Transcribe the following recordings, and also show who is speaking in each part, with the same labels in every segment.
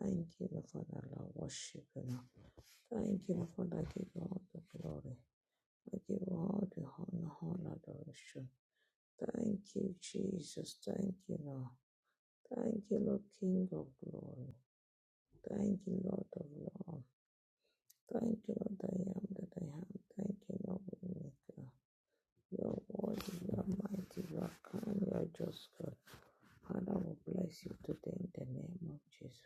Speaker 1: Thank you, Lord Father, Lord, worship you now. Thank you, Lord Father, I give you all the glory. I give you all the honor, honor, adoration. Thank you, Jesus. Thank you, Lord. Thank you, Lord, King of glory. Thank you, Lord of love. Thank you, Lord, I am that I am. Thank you, Lord, Maker. Your word, you are mighty, you are kind, you are just God. Father, we bless you today in the name of Jesus.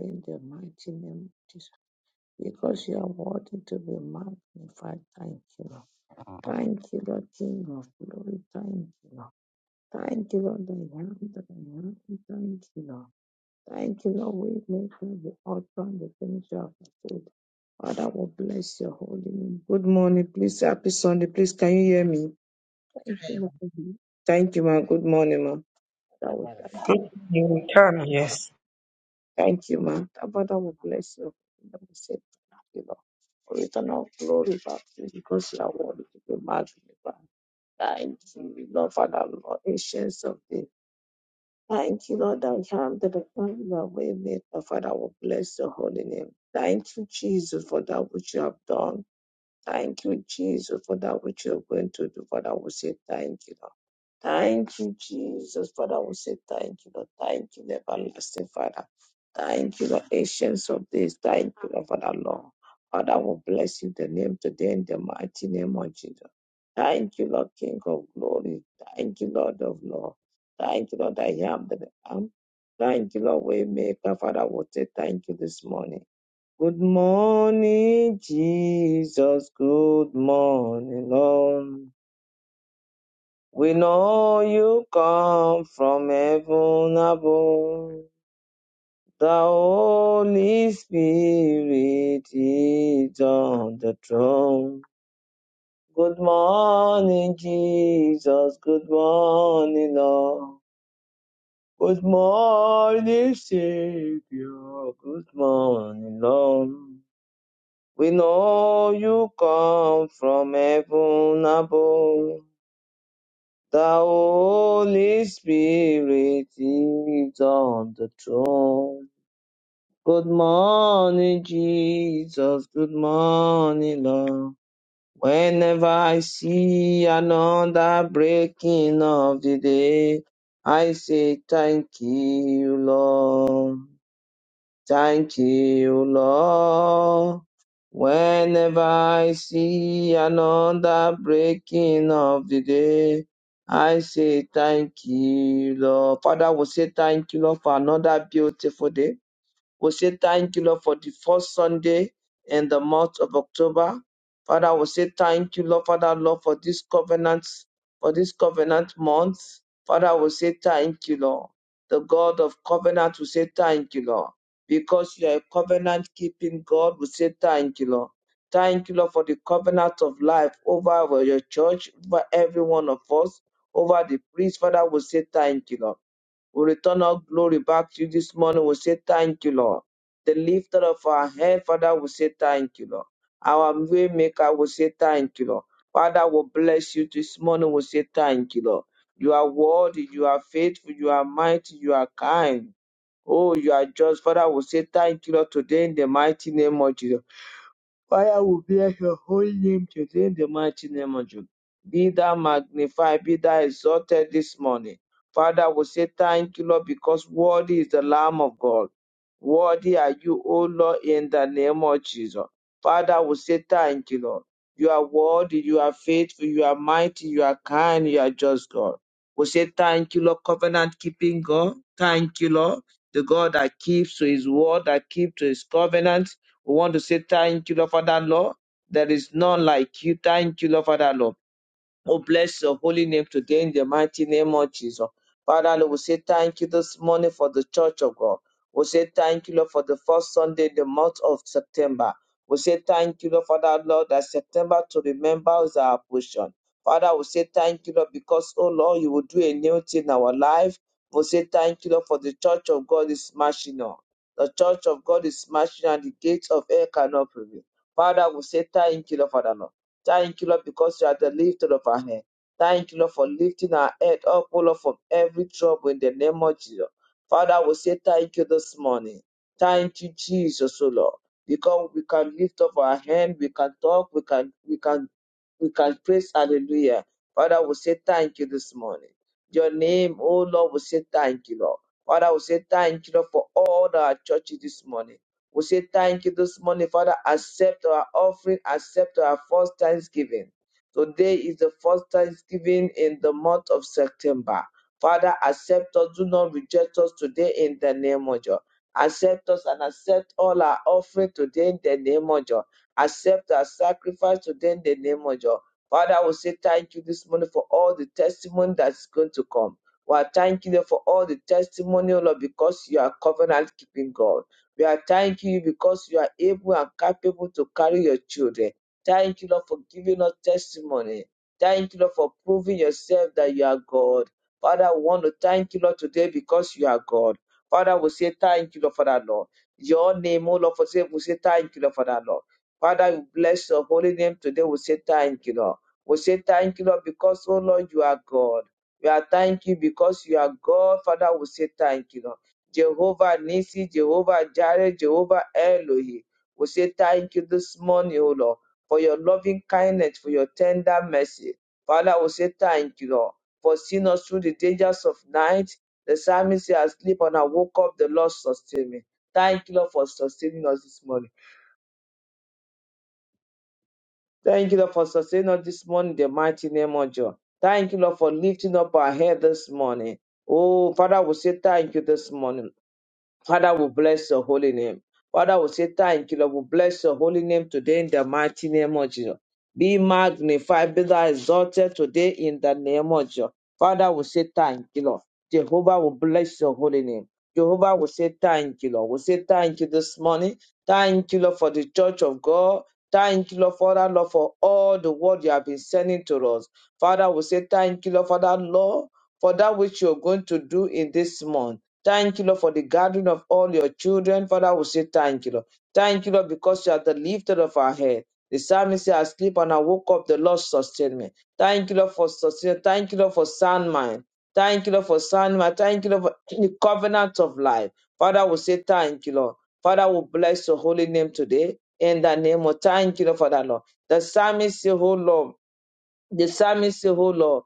Speaker 1: In the mighty name of Jesus. because you are worthy to be magnified. Thank you, Lord. Thank you, Lord, King of glory. Thank you, Lord. Thank you, Lord, I am that I am. Thank you, Lord. Thank you, Lord, we make you the author and the finisher of the faith. Father, we bless your holy name. Good morning, please. Happy Sunday, please. Can you hear me?
Speaker 2: which
Speaker 1: Thank you,
Speaker 2: I am
Speaker 1: Lord. for the- Thank you, ma'am. Good morning, ma'am. Father,
Speaker 2: the
Speaker 1: we
Speaker 2: letter.
Speaker 1: thank
Speaker 3: You
Speaker 1: you.
Speaker 3: return, yes.
Speaker 1: Thank you, man. Our Father will bless you. Let me say thank you, Lord. For return all glory back to you because you are worthy to be magnified. Thank you, Lord, Father, Lord, ancients of the Thank you, Lord, that you have the Father you have made. Our Father will bless your holy name. Thank you, Jesus, for that which you have done. Thank you, Jesus, for that which you are going to do. Father, we say thank you, Lord. Thank you, Jesus. Father, we say thank you, Lord. Thank you, everlasting Father. Thank you, Lord, ancients of this. Thank you, Lord, Father, Lord. Father, we bless you the name today in the mighty name of Jesus. Thank you, Lord, King of glory. Thank you, Lord of Lord. Thank you, Lord, I am that I am. Thank you, Lord, Waymaker. Father, we say thank you this morning. Good morning, Jesus. Good morning, Lord. We know you come from heaven above. The Holy Spirit is on the throne. Good morning, Jesus. Good morning, Lord. Good morning, Savior. Good morning, Lord. We know you come from heaven above. The Holy Spirit is on the throne. Good morning, Jesus. Good morning, Lord. Whenever I see another breaking of the day, I say thank you, Lord. Thank you, Lord. Whenever I see another breaking of the day, I say thank you, Lord. Father, we say thank you, Lord, for another beautiful day. We say thank you, Lord, for the first Sunday in the month of October. Father, we say thank you, Lord, Father, Lord, for this covenant, for this covenant month. Father, we say thank you, Lord. The God of covenant, we say thank you, Lord. Because you are a covenant keeping God, we say thank you, Lord. Thank you, Lord, for the covenant of life over our- your church, over every one of us, over the priest. Father, we say thank you, Lord. We return our glory back to you this morning. We say thank you, Lord. The lifter of our head, Father, we say thank you, Lord. Our way maker, we say thank you, Lord. Father, we bless you this morning. We say thank you, Lord. You are worthy, you are faithful, you are mighty, you are kind. Oh, you are just. Father, we say thank you, Lord, today in the mighty name of Jesus. Fire will bear your holy name today in the mighty name of Jesus. Be thou magnified, be thou exalted this morning. Father, we say thank you, Lord, because worthy is the Lamb of God. Worthy are you, O Lord, in the name of Jesus. Father, we say thank you, Lord. You are worthy, you are faithful, you are mighty, you are kind, you are just God. We say thank you, Lord, covenant keeping God. Thank you, Lord, the God that keeps to his word, that keeps to his covenant. We want to say thank you, Lord, Father, Lord. There is none like you. Thank you, Lord, Father, Lord. Oh, bless your holy name today in the mighty name of Jesus. Father, Lord, we say thank you this morning for the church of God. We say thank you, Lord, for the first Sunday in the month of September. We say thank you, Lord, for that, Lord, that September to remember is our portion. Father, we say thank you, Lord, because, oh Lord, you will do a new thing in our life. We say thank you, Lord, for the church of God is smashing on. The church of God is smashing on the gates of hell cannot prevail. Father, we say thank you, Lord, Father, Lord. Thank you, Lord, because you are the lifter of our head. Thank you, Lord, for lifting our head up, O Lord, from every trouble in the name of Jesus. Father, we say thank you this morning. Thank you, Jesus, O Lord, because we can lift up our hand, we can talk, we can, we can, we can praise Hallelujah. Father, we say thank you this morning. Your name, O Lord, we say thank you, Lord. Father, we say thank you, Lord, for all our churches this morning. We say thank you this morning, Father. Accept our offering, accept our first thanksgiving. Today is the first thanksgiving in the month of September. Father, accept us. Do not reject us today in the name of Jesus. Accept us and accept all our offering today in the name of Jesus. Accept our sacrifice today in the name of Jesus. Father, we say thank you this morning for all the testimony that's going to come. We are thanking you for all the testimony, Lord, because you are covenant keeping God. We are thanking you because you are able and capable to carry your children. Thank you, Lord, for giving us testimony. Thank you, Lord, for proving yourself that you are God. Father, I want to thank you, Lord, today because you are God. Father, we say thank you, Lord, for that, Lord. Your name, oh Lord, for say, we say thank you, Lord, for that, Lord. Father, we bless your holy name today. We say thank you, Lord. We say thank you, Lord, because, oh Lord, you are God. We are thank you because you are God. Father, we say thank you, Lord. Jehovah Nisi, Jehovah Jireh, Jehovah Elohim. We say thank you this morning, O Lord, for your loving kindness, for your tender mercy. Father, we say thank you, Lord, for seeing us through the dangers of night. The psalmist said, I sleep and I woke up, the Lord sustained me. Thank you, Lord, for sustaining us this morning. Thank you, Lord, for sustaining us this morning, in the mighty name of John. Thank you, Lord, for lifting up our head this morning. Oh, Father, we say thank you this morning, Father, we bless your holy name. Father, we say thank you, Lord. We bless your holy name today in the mighty name of Jesus. Be magnified, be thou exalted today in the name of Jesus. Father, we say thank you, Lord. Jehovah will bless your holy name. Jehovah will say thank you, Lord. We say thank you this morning. Thank you, Lord, for the church of God. Thank you, Lord, Father, Lord, for all the word you have been sending to us. Father, we say thank you, Lord, for that, Lord, for that which you're going to do in this month. Thank you, Lord, for the gathering of all your children. Father, we say thank you, Lord. Thank you, Lord, because you are the lifter of our head. The psalmist said, I sleep and I woke up, the Lord sustained me. Thank you, Lord, for sustain. Thank you, Lord, for sound mind. Thank you, Lord, for sound mind. Thank you, Lord, for the covenant of life. Father, we say thank you, Lord. Father, we bless your holy name today. In the name of thank you, Lord, for that, Lord. The psalmist said, Oh, Lord. The psalmist said, Oh, Lord.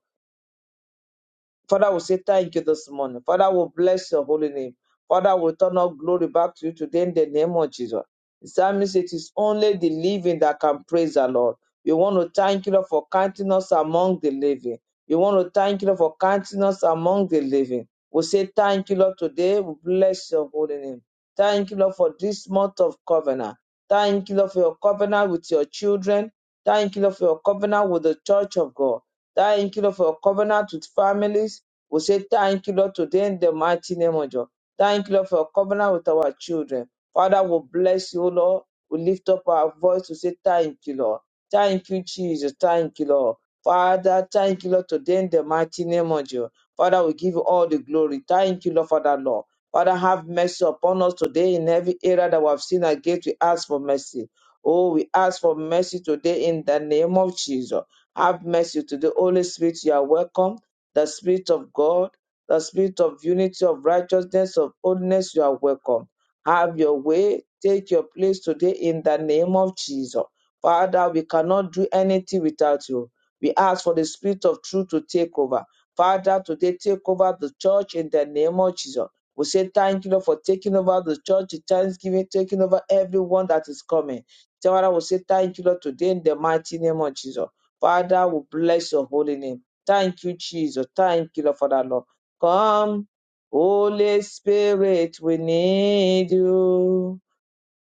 Speaker 1: Father, we say thank you this morning. Father, we bless your holy name. Father, we turn our glory back to you today in the name of Jesus. The psalmist it is only the living that can praise the Lord. We want to thank you Lord, for counting us among the living. We want to thank you Lord, for counting us among the living. We say thank you, Lord, today. We bless your holy name. Thank you, Lord, for this month of covenant. Thank you, Lord, for your covenant with your children. Thank you, Lord, for your covenant with the church of God. Thank you, Lord, for your covenant with families. We say thank you, Lord, today in the mighty name of God. Thank you, Lord, for your covenant with our children. Father, we bless you, Lord. We lift up our voice to say thank you, Lord. Thank you, Jesus. Thank you, Lord. Father, thank you, Lord, today in the mighty name of God. Father, we give you all the glory. Thank you, Lord, for that, Lord. Father, have mercy upon us today in every area that we have sinned against. We ask for mercy. Oh, we ask for mercy today in the name of Jesus. Have mercy to the Holy Spirit. You are welcome. The Spirit of God, the Spirit of unity, of righteousness, of holiness. You are welcome. Have your way. Take your place today in the name of Jesus. Father, we cannot do anything without you. We ask for the Spirit of truth to take over. Father, today take over the church in the name of Jesus. We say thank you Lord, for taking over the church, the thanksgiving, taking over everyone that is coming. Father, we say thank you Lord, today in the mighty name of Jesus. Father, we bless your holy name. Thank you, Jesus. Thank you, Lord, for that, Lord. Come, Holy Spirit, we need you.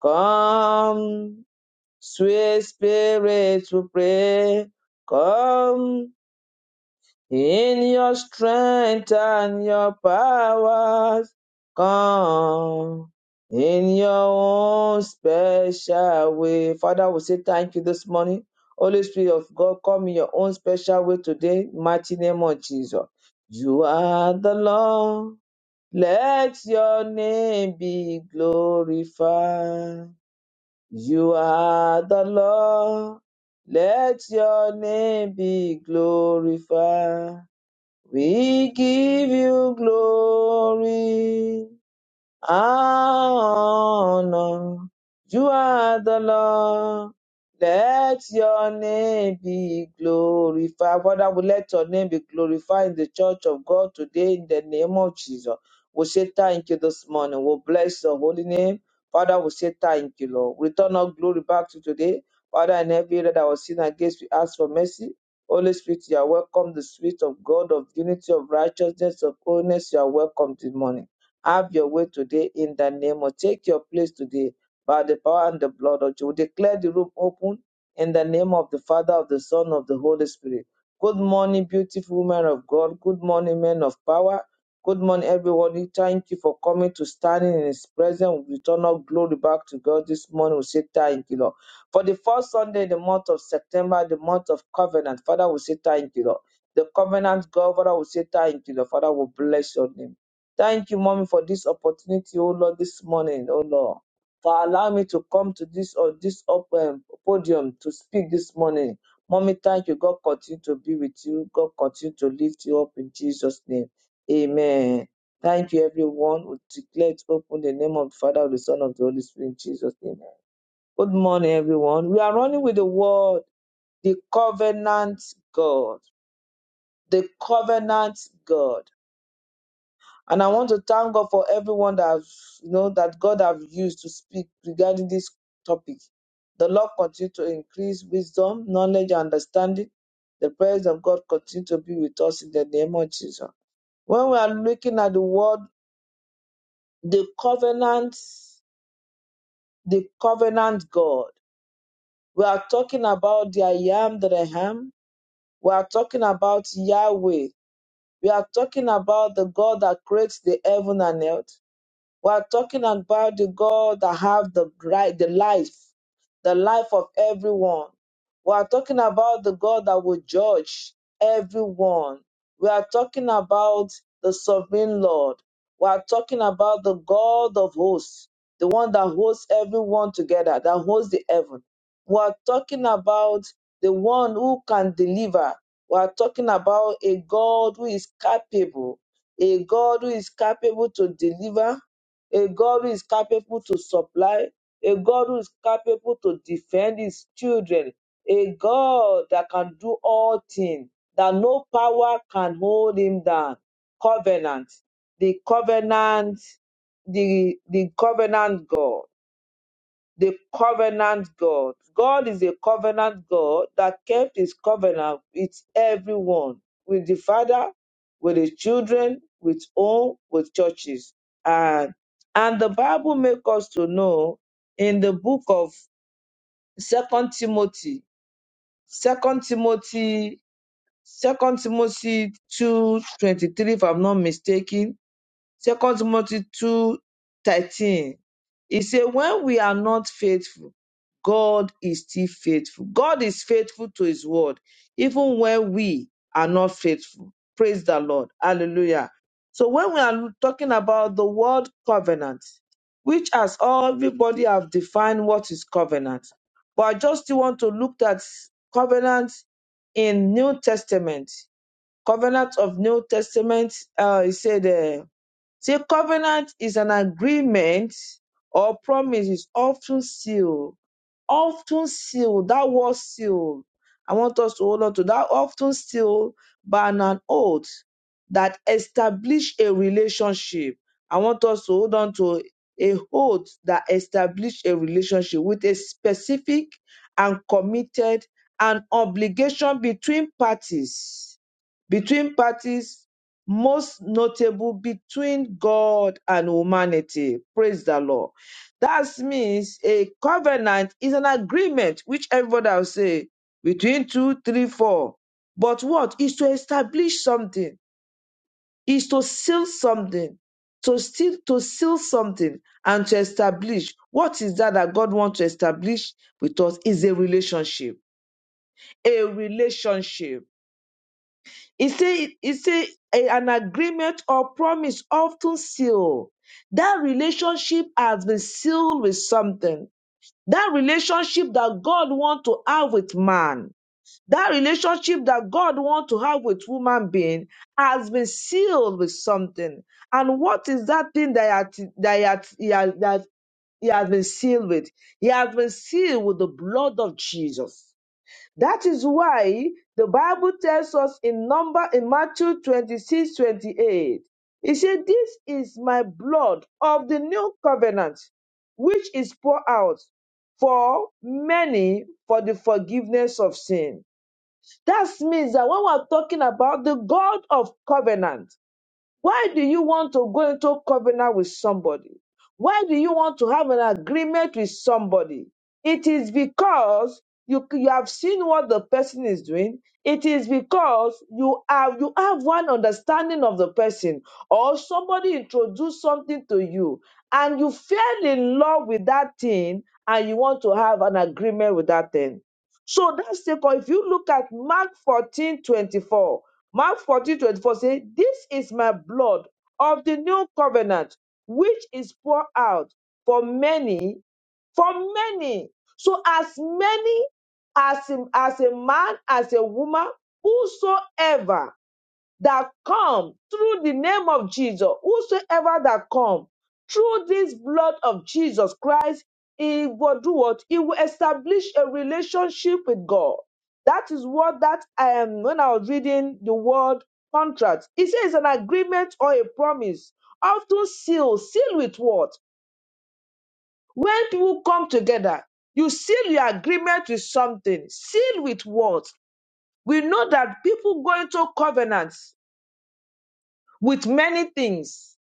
Speaker 1: Come, sweet Spirit, we pray. Come, in your strength and your powers come in your own special way. Father, we say thank you this morning. Holy Spirit of God, come in your own special way today. Mighty name of Jesus. You are the Lord. Let your name be glorified. You are the Lord. Let your name be glorified. We give you glory honor. You are the Lord. Let your name be glorified. Father, we let your name be glorified in the church of God today in the name of Jesus. We say thank you this morning. We bless your holy name. Father, we say thank you, Lord. We Return our glory back to today. Father, in every area that was sin against, we ask for mercy. Holy Spirit, you are welcome. The Spirit of God, of unity, of righteousness, of holiness, you are welcome this morning. Have your way today in the name of. Take your place today by the power and the blood of Jesus. We declare the room open in the name of the Father, of the Son, of the Holy Spirit. Good morning, beautiful women of God. Good morning, men of power. Good morning, everyone. Thank you for coming to standing in His presence. We return all glory back to God this morning. We say thank you, Lord. For the first Sunday in the month of September, the month of covenant, Father, we say thank you, Lord. The covenant God, Father, we say thank you, Lord. Father, we bless your name. Thank you, mommy, for this opportunity, oh Lord, this morning, oh Lord, for allowing me to come to this or this open podium to speak this morning. Mommy, thank you. God continue to be with you. God continue to lift you up in Jesus' name. Amen. Thank you, everyone. We declare it open the name of the Father, of the Son, of the Holy Spirit in Jesus' name. Good morning, everyone. We are running with the word, the covenant God. The covenant God. And I want to thank God for everyone that has- you know that God have used to speak regarding this topic. The Lord continue to increase wisdom, knowledge, and understanding. The presence of God continue to be with us in the name of Jesus. When we are looking at the word, the covenant, the covenant God, we are talking about the I am that I am. We are talking about Yahweh. We are talking about the God that creates the heaven and earth. We are talking about the God that have the right, the life, the life of everyone. We are talking about the God that will judge everyone. We are talking about the sovereign Lord. We are talking about the God of hosts, the one that holds everyone together, that holds the heaven. We are talking about the one who can deliver. We are talking about a God who is capable, a God who is capable to deliver a God who is capable to supply, a God who is capable to defend his children, a God that can do all things, that no power can hold him down. Covenant, the covenant, the, the covenant God the covenant God. God is a covenant God that kept his covenant with everyone, with the Father, with the children, with home, with churches. And and the Bible makes us to know in the book of Second Timothy, Second Timothy, Second Timothy two twenty three, if I'm not mistaken, Second Timothy two thirteen. He said, When we are not faithful, God is still faithful. God is faithful to his word, even when we are not faithful. Praise the Lord. Hallelujah. So when we are talking about the word covenant, which as everybody have defined what is covenant, but I just still want to look at covenant in New Testament. Covenant of New Testament, uh, he said. uh, See, a covenant is an agreement or promise is often sealed. Often sealed. That word sealed. I want us to hold on to that. Often sealed by an oath that establish a relationship. I want us to hold on to a oath that establish a relationship with a specific and committed an obligation between parties. Between parties most notable between God and humanity. Praise the Lord. That means a covenant is an agreement, which everybody will say between two, three, four. But what is to establish something, is to seal something, to seal, to seal something and to establish. What is that that God wants to establish with us is a relationship. A relationship it say it say a- an agreement or promise often sealed. That relationship has been sealed with something. That relationship that God wants to have with man, that relationship that God wants to have with human being has been sealed with something. And what is that thing that he had- that he had- he has that he has been sealed with? He has been sealed with the blood of Jesus. That is why the Bible tells us in number in Matthew twenty six twenty eight. 28. It said, This is my blood of the new covenant, which is poured out for many for the forgiveness of sin. That means that when we're talking about the God of covenant, why do you want to go into covenant with somebody? Why do you want to have an agreement with somebody? It is because you, you have seen what the person is doing. It is because you have you have one understanding of the person, or somebody introduced something to you, and you fell in love with that thing, and you want to have an agreement with that thing. So that's the call. if you look at Mark 14 24. Mark 14 twenty four says, This is my blood of the new covenant, which is poured out for many, for many. So as many as, as a man, as a woman, whosoever that come through the name of Jesus, whosoever that come through this blood of Jesus Christ, he will do what? He will establish a relationship with God. That is what that um when I was reading the word contract, it says an agreement or a promise, often sealed, sealed with what? When people come together, you seal your agreement with something, seal with what? We know that people go into covenants with many things.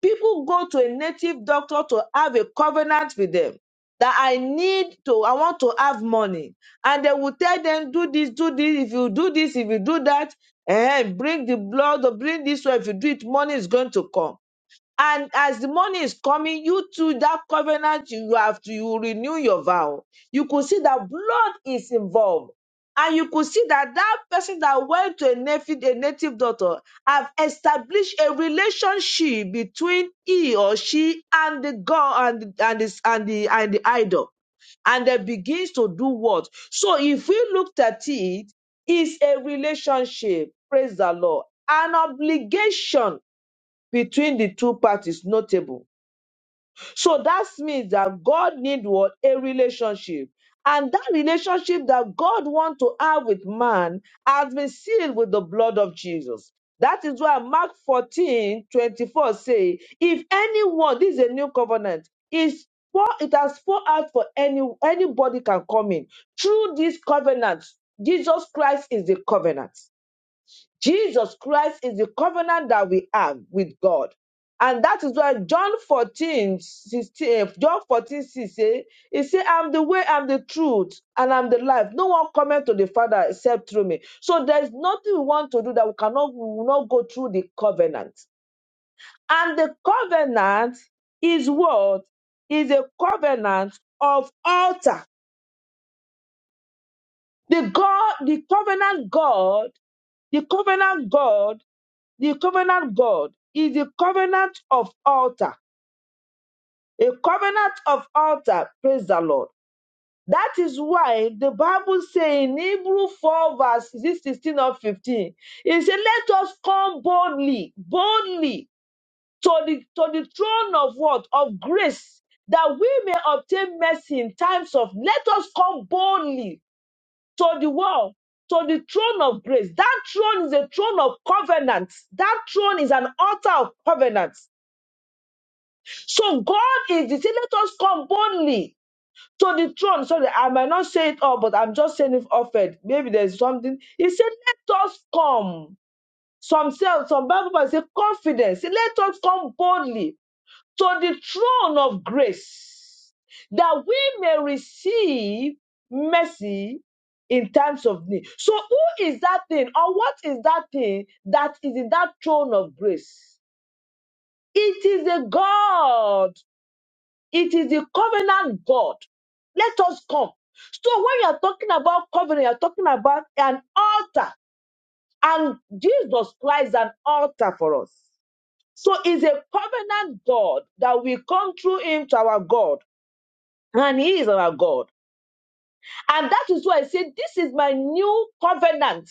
Speaker 1: People go to a native doctor to have a covenant with them that I need to, I want to have money. And they will tell them, do this, do this, if you do this, if you do that, and bring the blood or bring this, So if you do it, money is going to come. And as the money is coming, you to that covenant you have to you renew your vow. You could see that blood is involved. And you could see that that person that went to a native, a native daughter have established a relationship between he or she and the god and, and, the, and, the, and the idol. And they begins to do what? So if we looked at it, it's a relationship. Praise the Lord. An obligation between the two parties notable. So that means that God needs what a relationship. And that relationship that God wants to have with man has been sealed with the blood of Jesus. That is why Mark 14 24 say, if anyone, this is a new covenant, is for it has poured out for any anybody can come in. Through this covenant, Jesus Christ is the covenant. Jesus Christ is the covenant that we have with God. And that is why John 14 16 eh, John 14, 6 eh, He said, I'm the way, I'm the truth, and I'm the life. No one cometh to the Father except through me. So there's nothing we want to do that we cannot we will not go through the covenant. And the covenant is what? Is a covenant of altar. The God, the covenant God, the covenant God the covenant God is the covenant of altar, a covenant of altar. Praise the Lord. That is why the Bible says in Hebrew 4 verse 16 or 15, it says, let us come boldly, boldly to the, to the throne of what? Of grace, that we may obtain mercy in times of, let us come boldly to the world, to the throne of grace. That throne is a throne of covenants. That throne is an altar of covenants. So God is, He said, let us come boldly to the throne. Sorry, I might not say it all, but I'm just saying it offered. Maybe there's something. He said, let us come. Some say, some Bible verse say confidence. He said, Let us come boldly to the throne of grace that we may receive mercy in times of need. So who is that thing or what is that thing that is in that throne of grace? It is a God it is the covenant God. Let us come. So when you are talking about covenant, you are talking about an altar, and Jesus Christ is an altar for us. So it's a covenant God that we come through Him to our God, and He is our God. And that is why I say, This is my new covenant.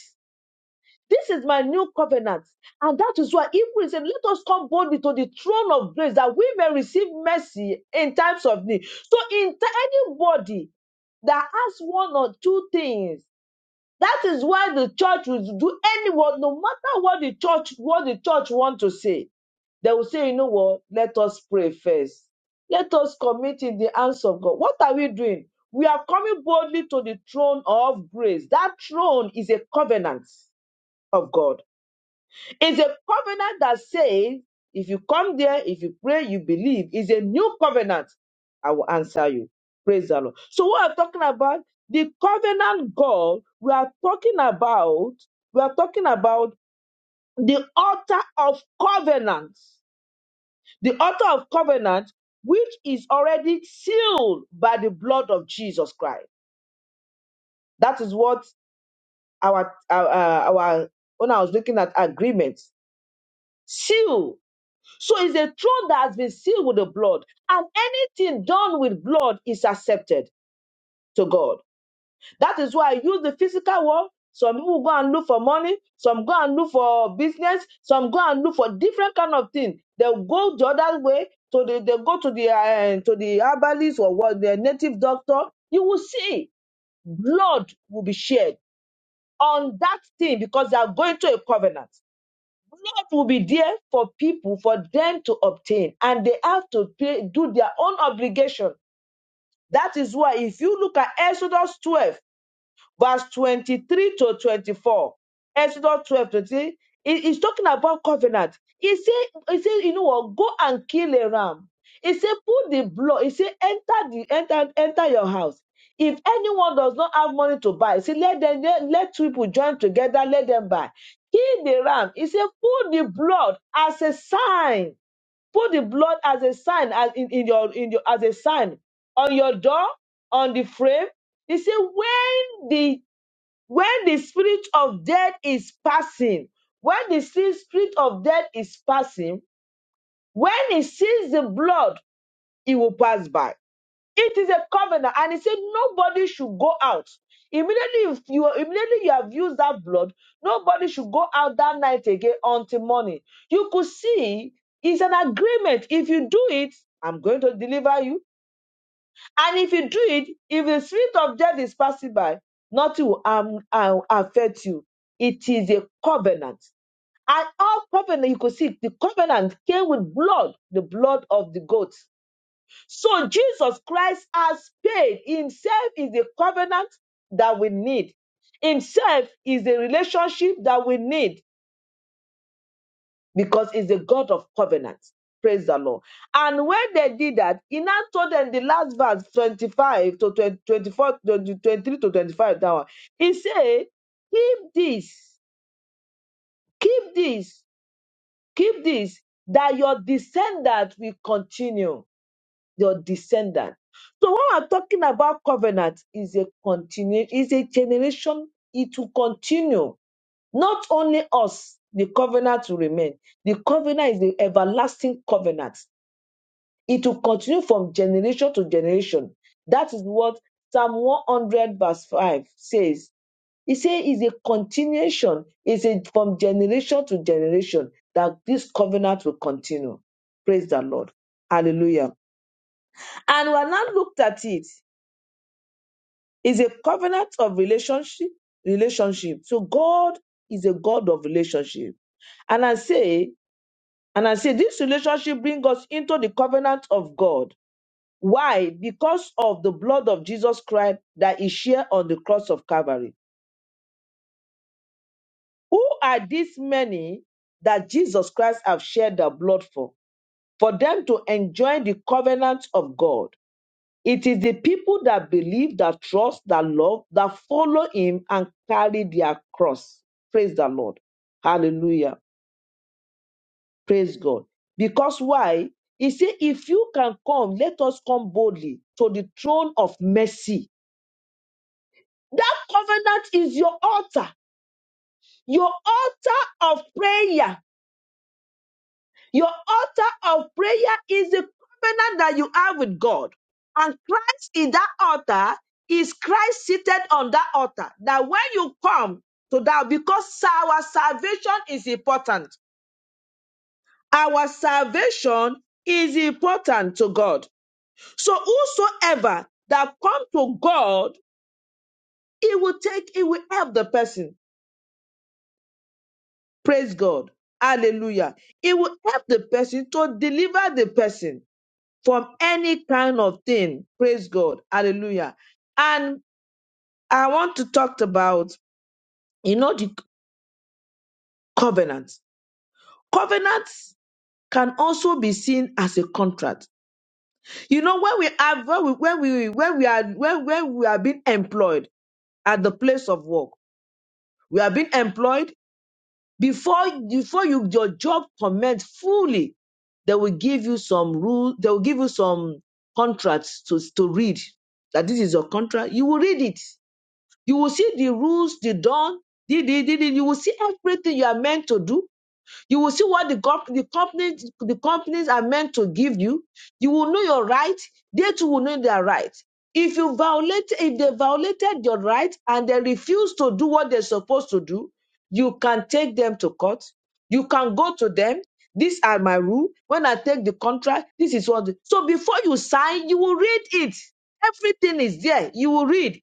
Speaker 1: This is my new covenant. And that is why even he said, Let us come boldly to the throne of grace that we may receive mercy in times of need. So, in t- anybody that has one or two things, that is why the church will do anyone, no matter what the church, what the church want to say, they will say, you know what? Let us pray first. Let us commit in the hands of God. What are we doing? We are coming boldly to the throne of grace. That throne is a covenant of God. It's a covenant that says, if you come there, if you pray, you believe. It's a new covenant. I will answer you. Praise the Lord. So what I'm talking about, the covenant God, we are talking about, we are talking about the altar of covenants. The altar of covenant, which is already sealed by the blood of Jesus Christ. That is what our, our, uh, our when I was looking at agreements, sealed So it's a throne that has been sealed with the blood, and anything done with blood is accepted to God. That is why I use the physical world. Some people go and look for money, some go and look for business, some go and look for different kind of thing. They'll go the other way So the they go to the uh, to the herbalist or what the native doctor. You will see blood will be shed on that thing because they are going to a covenant. Love will be there for people, for them to obtain, and they have to pay, do their own obligation. That is why, if you look at Exodus 12, verse 23 to 24. Exodus 12, twenty-three. He- He's talking about covenant. He said, he said, you know what? Go and kill a ram. He said, put the blood. He said, enter the enter, enter your house. If anyone does not have money to buy, he said, let them let, let people join together, let them buy. Kill the ram. He said, put the blood as a sign. Put the blood as a sign as in, in your in your as a sign on your door, on the frame, he said, when the when the spirit of death is passing, when the si- spirit of death is passing, when he sees the blood, he will pass by. It is a covenant, and he said nobody should go out. Immediately, if you immediately you have used that blood, nobody should go out that night again until morning. You could see it's an agreement. If you do it, I'm going to deliver you. And if you do it, if the spirit of death is passing by, nothing will um, uh, affect you. It is a covenant. And all covenant, you could see, the covenant came with blood, the blood of the goats. So Jesus Christ has paid. Himself is the covenant that we need. Himself is the relationship that we need because he's a God of covenants, Praise the Lord. And when they did that, he now told them the last verse 25 to 20, twenty-four, twenty, twenty-three to 25. That one. He said, Keep this, keep this, keep this, that your descendant will continue. Your descendant. So when we're talking about covenant, is a continue, is a generation, it will continue not only us, the covenant will remain. The covenant is the everlasting covenant. It will continue from generation to generation. That is what Psalm 100 verse 5 says. It says it's a continuation. It's a, from generation to generation that this covenant will continue. Praise the Lord. Hallelujah. And we have now looked at it. It's a covenant of relationship, relationship. So God is a God of relationship. And I say And I say this relationship brings us into the covenant of God. Why? Because of the blood of Jesus Christ that is shed on the cross of Calvary. Who are these many that Jesus Christ have shed their blood for? For them to enjoy the covenant of God. It is the people that believe, that trust, that love, that follow him and carry their cross. Praise the Lord. Hallelujah. Praise God. Because why? He said, if you can come, let us come boldly to the throne of mercy. That covenant is your altar, your altar of prayer. Your altar of prayer is the covenant that you have with God. And Christ in that altar is Christ seated on that altar. That when you come to that, because our salvation is important, our salvation is important to God So whosoever that come to God, he will take, he will help the person. Praise God. Hallelujah. He will help the person to deliver the person from any kind of thing. Praise God. Hallelujah. And I want to talk about, you know, the covenant. Covenants can also be seen as a contract. You know, when we have, when we, when we, when we are, when, when we are being employed at the place of work, we are being employed Before, before you your job commence fully, they will give you some rule, they will give you some contracts to, to read. That this is your contract. You will read it. You will see the rules, the done, the, the, the, the- you will see everything you are meant to do you will see what the, comp- the companies the companies are meant to give you. You will know your right. They too will know their right. If you violate, if they violated your right and they refuse to do what they're supposed to do, you can take them to court. You can go to them. These are my rule. When I take the contract, this is what. the-" So before you sign, you will read it. Everything is there. You will read.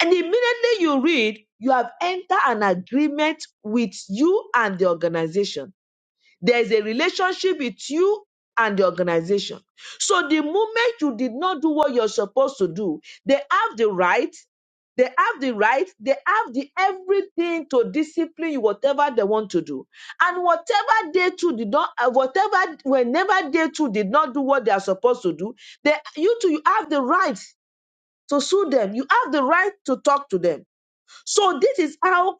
Speaker 1: And immediately you read, you have entered an agreement with you and the organization there is a relationship with you and the organization. So the moment you did not do what you're supposed to do, they have the right, they have the right, they have the everything to discipline you, whatever they want to do. And whatever they too did not, uh, whatever, whenever they too did not do what they are supposed to do, they, you too, you have the right to sue them. You have the right to talk to them. So this is how,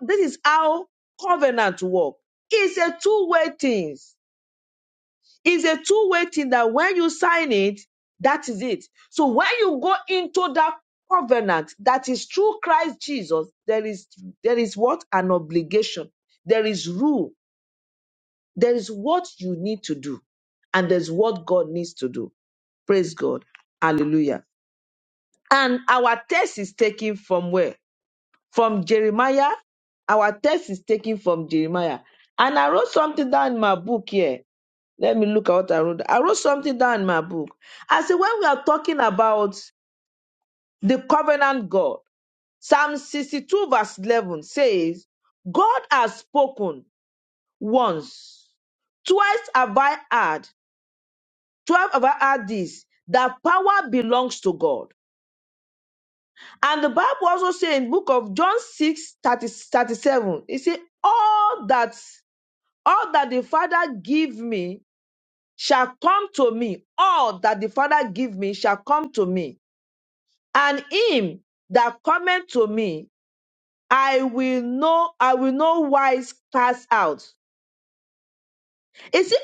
Speaker 1: this is how covenant work. It's a two-way thing. It's a two-way thing that when you sign it, that is it. So when you go into that covenant that is through Christ Jesus, there is there is what an obligation, there is rule, there is what you need to do, and there's what God needs to do. Praise God. Hallelujah. And our text is taken from where? From Jeremiah. Our text is taken from Jeremiah. And I wrote something down in my book here let me look at what I wrote. I wrote something down in my book. I said, when we are talking about the covenant God, Psalm 62, verse 11 says, God has spoken once, twice have I heard, twelve have I heard this, that power belongs to God. And the Bible also says in book of John 6, 30, 37, it says, all that, all that the Father give me shall come to me. All that the Father give me shall come to me And him that cometh to me, I will know, I will no wise cast out. You see,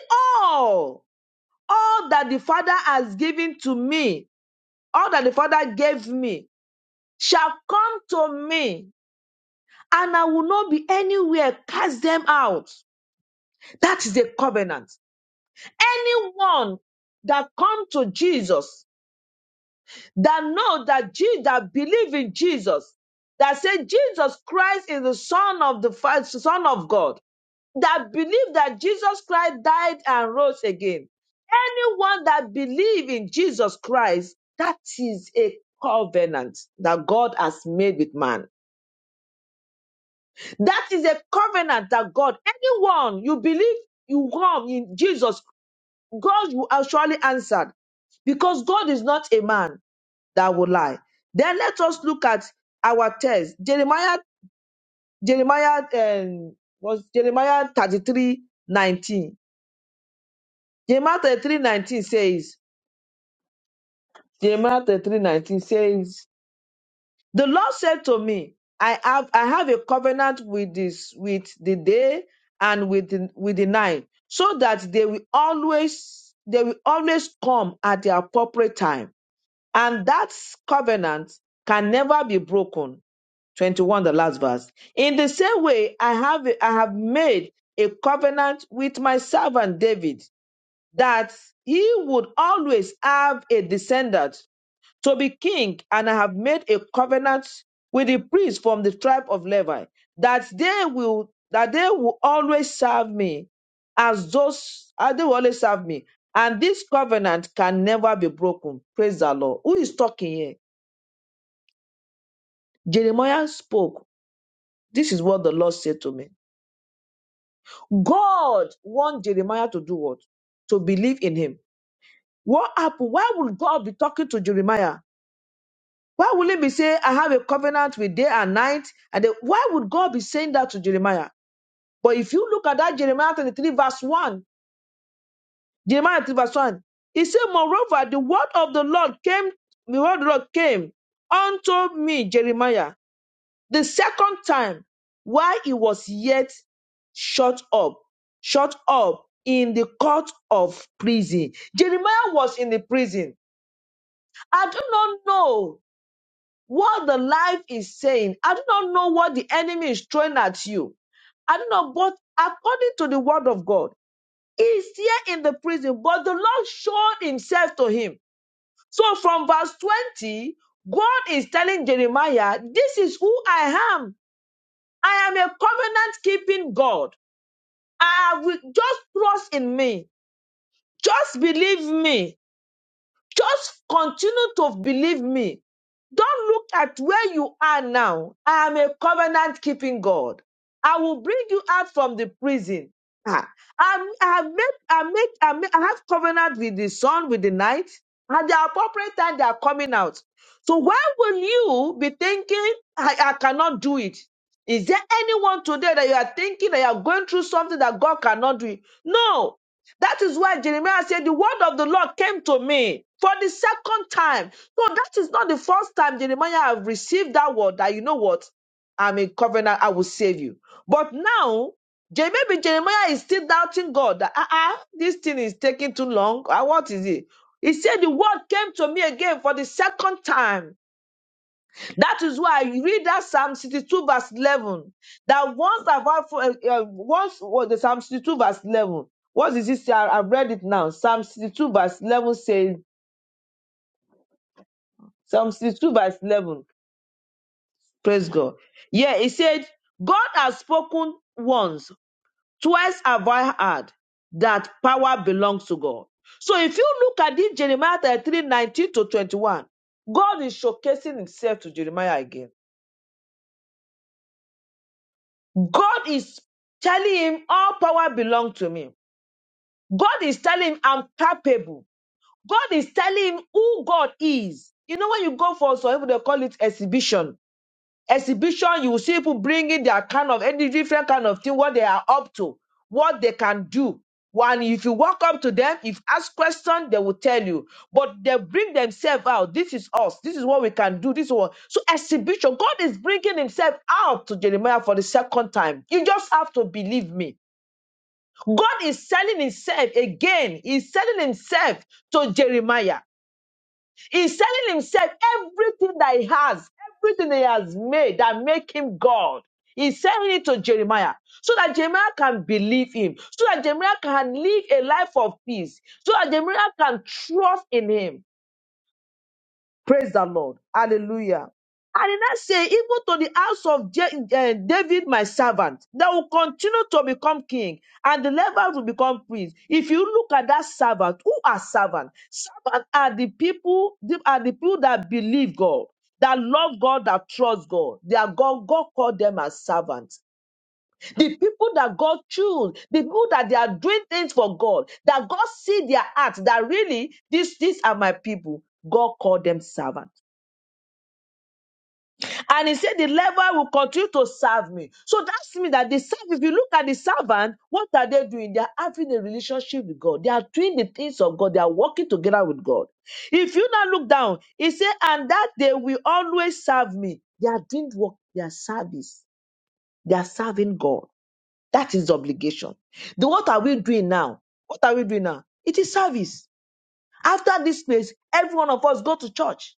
Speaker 1: all, all that the Father has given to me, all that the Father gave me, shall come to me, and I will not be anywhere cast them out. That is the covenant. Anyone that come to Jesus, that know that Jesus, that believe in Jesus, that say Jesus Christ is the Son of the Son of God that believe that Jesus Christ died and rose again. Anyone that believe in Jesus Christ, that is a covenant that God has made with man. That is a covenant that God, anyone you believe you come in Jesus, God will actually answer because God is not a man that will lie. Then let us look at our text. Jeremiah, Jeremiah, um, was Jeremiah 33 19. Jeremiah 33 nineteen says, Jeremiah 33 nineteen says, The Lord said to me, I have I have a covenant with this with the day and with the, with the night, so that they will always they will always come at the appropriate time. And that covenant can never be broken. 21, the last verse. In the same way, I have I have made a covenant with my servant David that he would always have a descendant to be king, and I have made a covenant with the priests from the tribe of Levi that they will that they will always serve me as those as they will always serve me, and this covenant can never be broken. Praise the Lord. Who is talking here? Jeremiah spoke. This is what the Lord said to me. God want Jeremiah to do what? To believe in him. What happened? Why would God be talking to Jeremiah? Why will he be saying, I have a covenant with day and night? And then why would God be saying that to Jeremiah? But if you look at that Jeremiah 33, verse 1, Jeremiah 33, verse 1, he said, Moreover, the word of the Lord came, the word of the Lord came unto me, Jeremiah, the second time, while he was yet shut up, shut up in the court of prison. Jeremiah was in the prison. I do not know What the life is saying, I do not know what the enemy is throwing at you. I don't know, but according to the word of God, he's here in the prison, but the Lord showed himself to him. So from verse 20, God is telling Jeremiah, This is who I am. I am a covenant keeping God. I will just trust in me. Just believe me. Just continue to believe me. Don't look at where you are now. I am a covenant keeping God. I will bring you out from the prison. Ah, I, I make, I make, I make, I have covenant with the sun, with the night. At the appropriate time, they are coming out. So why will you be thinking, I, I cannot do it? Is there anyone today that you are thinking that you are going through something that God cannot do? It? No, that is why Jeremiah said, The word of the Lord came to me for the second time. No, that is not the first time Jeremiah have received that word that you know what? I'm in covenant, I will save you. But now, Je- maybe Jeremiah is still doubting God that, ah, ah, this thing is taking too long. Ah, what is it? He said, The word came to me again for the second time. That is why you read that Psalm 62 verse 11. That once I've had, for- uh, uh, once was the Psalm 62 verse 11. What is this? I- I've read it now. Psalm 62 verse 11 says, Psalm 62 verse 11. Praise God. Yeah, it said, God has spoken once, twice have I heard that power belongs to God. So if you look at this Jeremiah 33, 19 to 21, God is showcasing himself to Jeremiah again. God is telling him all power belongs to me. God is telling him I'm capable. God is telling him who God is. You know, when you go for some people, they call it exhibition. Exhibition, you see people bringing their kind of any different kind of thing, what they are up to, what they can do. One, if you walk up to them, if ask question, they will tell you. But they bring themselves out. This is us. This is what we can do. This is what. So exhibition. God is bringing Himself out to Jeremiah for the second time. You just have to believe me. God is selling Himself again. He's selling Himself to Jeremiah. He's selling himself everything that he has, everything he has made that make him God. He's selling it to Jeremiah so that Jeremiah can believe him, so that Jeremiah can live a life of peace, so that Jeremiah can trust in him. Praise the Lord. Hallelujah. And did not say, even to the house of Je- eh, David, my servant, that will continue to become king, and the Levites will become priests. If you look at that servant, who are servants? Servants are the people, the- are the people that believe God, that love God, that trust God. They are God. God called them as servants. The people that God choose, the people that they are doing things for God, that God see their heart, that really, these these are my people. God called them servant. And he said, The leper will continue to serve me. So that's me that the servant, if you look at the servant, what are they doing? They are having a relationship with God. They are doing the things of God. They are working together with God. If you now look down, he said, And that they will always serve me. They are doing work, they are service. They are serving God. That is obligation. Then what are we doing now? What are we doing now? It is service. After this place, every one of us go to church.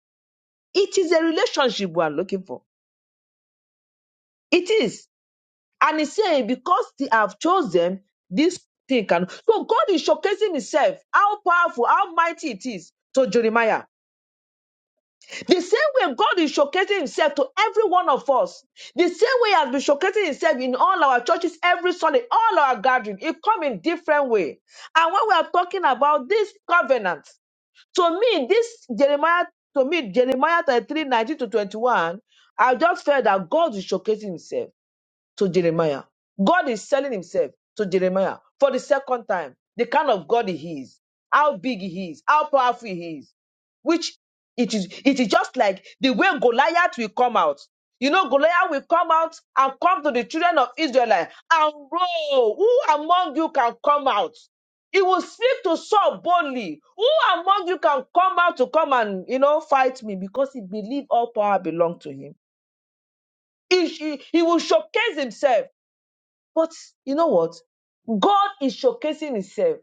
Speaker 1: It is a relationship we are looking for. It is. And he's saying, because they have chosen this thing can. So God is showcasing himself, how powerful, how mighty it is to Jeremiah. The same way God is showcasing himself to every one of us. The same way he has been showcasing himself in all our churches every Sunday, all our gathering. It come in different way. And when we are talking about this covenant, to me, this Jeremiah, to me, Jeremiah 33, nineteen to 21, I just felt that God is showcasing himself to Jeremiah. God is selling himself to Jeremiah for the second time. The kind of God he is, how big he is, how powerful he is, which it is, it is just like the way Goliath will come out. You know, Goliath will come out and come to the children of Israel and roll. Who among you can come out? He will speak to Saul boldly. Who among you can come out to come and you know fight me? Because he believed all power belonged to him. He, he, he will showcase himself. But you know what? God is showcasing Himself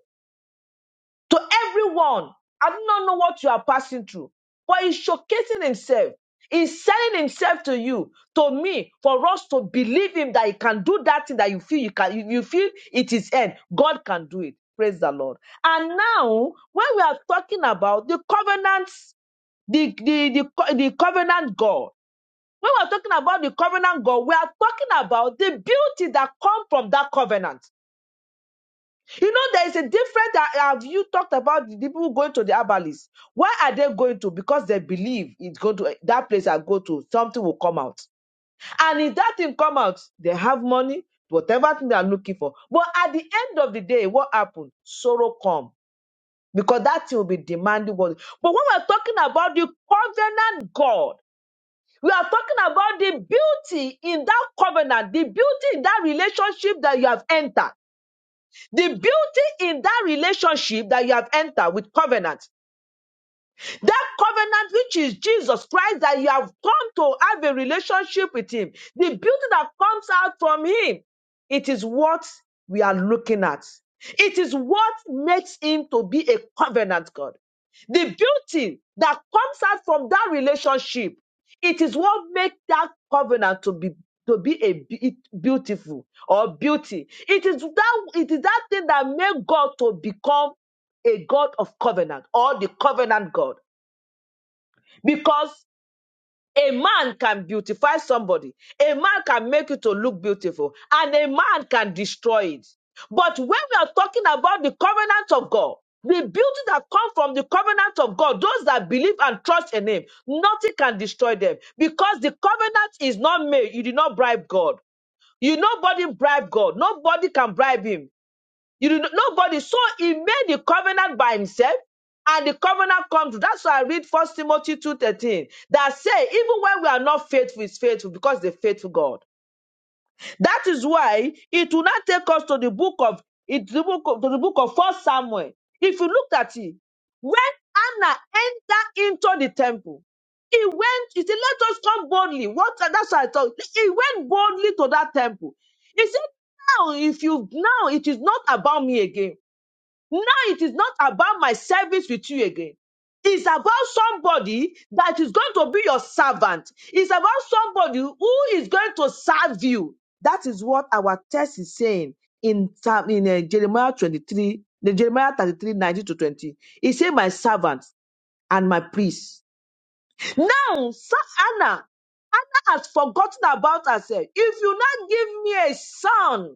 Speaker 1: to everyone. I do not know what you are passing through, but He's showcasing Himself. He's selling Himself to you, to me, for us to believe Him that He can do that thing that you feel you can. You, you feel it is end. God can do it. Praise the Lord. And now, when we are talking about the covenants, the the the, co- the covenant God. When we are talking about the covenant God, we are talking about the beauty that comes from that covenant. You know, there is a different. uh, Have you talked about the people who going to the herbalists? Why are they going to? Because they believe it's going to that place. I go to something will come out, and if that thing come out, they have money, whatever thing they are looking for. But at the end of the day, what happened? Sorrow come because that thing will be demanding what. But when we're talking about the covenant God. We are talking about the beauty in that covenant, the beauty in that relationship that you have entered. The beauty in that relationship that you have entered with covenant that covenant, which is Jesus Christ, that you have come to have a relationship with Him, the beauty that comes out from Him, it is what we are looking at. It is what makes Him to be a covenant God. The beauty that comes out from that relationship, it is what makes that covenant to be to be a be- beautiful or beauty. It is that it is that thing that made God to become a God of covenant or the covenant God because a man can beautify somebody, a man can make it to look beautiful, and a man can destroy it. But when we are talking about the covenant of God, the beauty that comes from the covenant of God, those that believe and trust in Him, nothing can destroy them because the covenant is not made. You did not bribe God. You nobody bribe God. Nobody can bribe Him. You do not, nobody. So he made the covenant by himself, and the covenant comes. through. That's why I read First Timothy two thirteen that say even when we are not faithful, is faithful because the faithful God. That is why it will not take us to the book of it the book of, to the book of First Samuel. If you look at it, when Anna entered into the temple, he went. He said, "Let us come boldly." What? That's why I thought he went boldly to that temple. He said, "Now, if you now, it is not about me again." Now it is not about my service with you again. It's about somebody that is going to be your servant. It's about somebody who is going to serve you. That is what our text is saying in, Psalm- in uh, Jeremiah 23, the Jeremiah 33, 19 to 20. He said, My servant and my priest. Now, Sir Anna, Anna has forgotten about herself. If you not give me a son,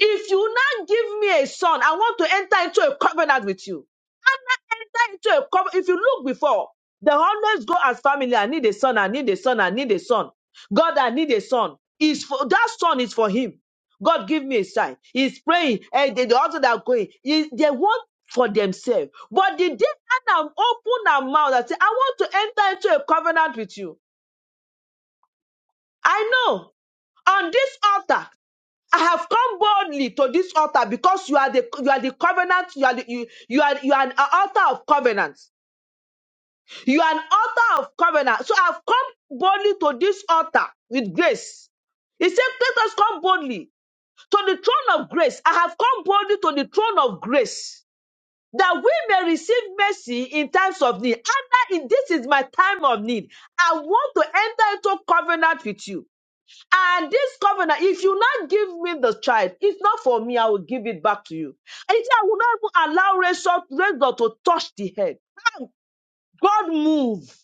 Speaker 1: if you now give me a son, I want to enter into a covenant with you. And I Enter into a covenant. If you look before, they always go as family. I need a son. I need a son. I need a son. God, I need a son. Is for that son is for him. God, give me a sign. He's praying. And the, the other that are going, he- they want for themselves. But the day Adam opened her mouth and said, I want to enter into a covenant with you. I know on this altar. I have come boldly to this altar because you are the you are the covenant you are the, you you are you are an altar of covenants. You are an altar of covenant. So I've come boldly to this altar with grace. He said, "Let us come boldly to the throne of grace." I have come boldly to the throne of grace that we may receive mercy in times of need. And that in this is my time of need. I want to enter into covenant with you. And this covenant, if you not give me the child, it's not for me, I will give it back to you. And he said, I will not even allow Razor, Razor to touch the head. Now, God move.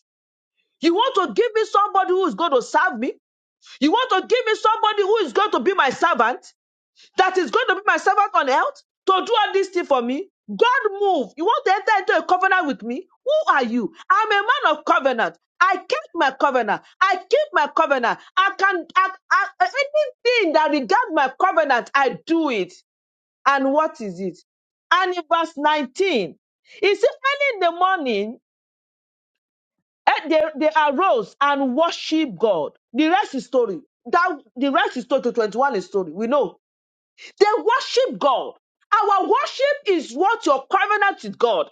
Speaker 1: You want to give me somebody who is going to serve me? You want to give me somebody who is going to be my servant? that is going to be my servant on earth to do all these things for me. God move. You want to enter into a covenant with me? Who are you? I'm a man of covenant. I keep my covenant. I keep my covenant. I can I, I, anything that regards my covenant, I do it. And what is it? And in verse 19, it says, early in the morning, eh, they, they arose and worship God. The rest is story. That the rest is story to 21 is story. We know they worship God. Our worship is what your covenant with God.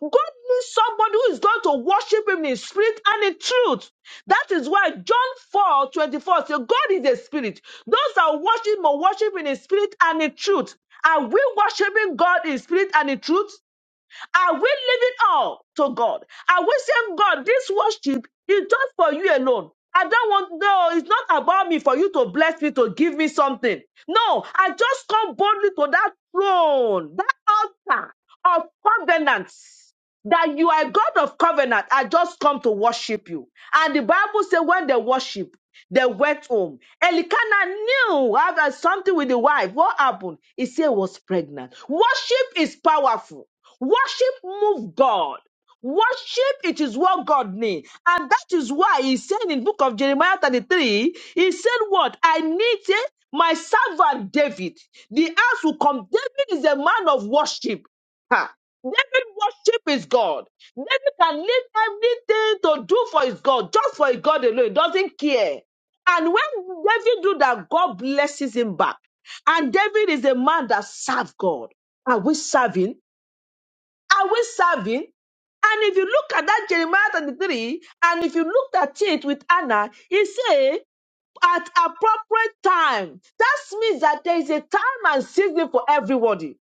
Speaker 1: God needs somebody who is going to worship him in spirit and in truth. That is why John 4 24 says, God is a spirit. Those that worship him will worship in spirit and in truth. Are we worshiping God in spirit and in truth? Are we leaving all to God? Are we saying, God, this worship is just for you alone? I don't want, no, it's not about me for you to bless me, to give me something. No, I just come boldly to that throne, that altar of covenants that you are God of covenant. I just come to worship you. And the Bible says when they worship, they went home. Elikana knew I had something with the wife. What happened? He said he was pregnant. Worship is powerful. Worship move God. Worship, it is what God needs. And that is why he said in book of Jeremiah 33, he said what? I need eh, my servant David. The house will come. David is a man of worship. Ha. David worship his God. David can leave everything to do for his God, just for his God alone. He doesn't care. And when David do that, God blesses him back. And David is a man that served God. Are we serving? Are we serving? And if you look at that Jeremiah 33, and if you looked at it with Anna, he say at appropriate time. That means that there is a time and season for everybody.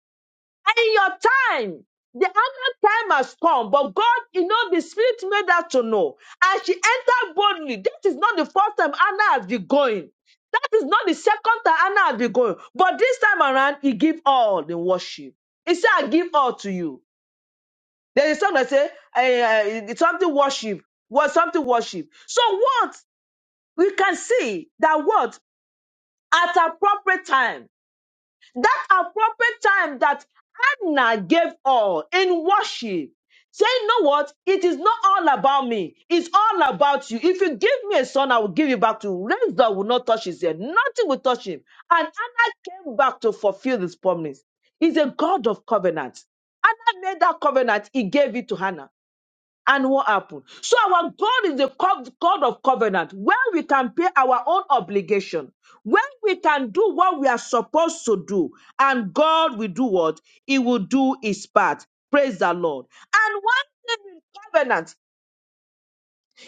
Speaker 1: And in your time, the other time has come, but God, you know, the Spirit made her to know. And she entered boldly. That is not the first time Anna has been going. That is not the second time Anna has been going. But this time around, he gave all the worship. He said, I give all to you. There is something that say eh, eh, something worship, what something worship. So what we can see that what at appropriate time, that appropriate time that Hannah gave all in worship, saying, you know what? It is not all about me. It's all about you. If you give me a son, I will give you back to you. Raise that will not touch his head. Nothing will touch him. And Hannah came back to fulfill this promise. He's a God of covenant. Hannah made that covenant. He gave it to Hannah. And what happened? So our God is the co- God of covenant, where we can pay our own obligation, where we can do what we are supposed to do, and God will do what? He will do his part. Praise the Lord. And one thing in covenant,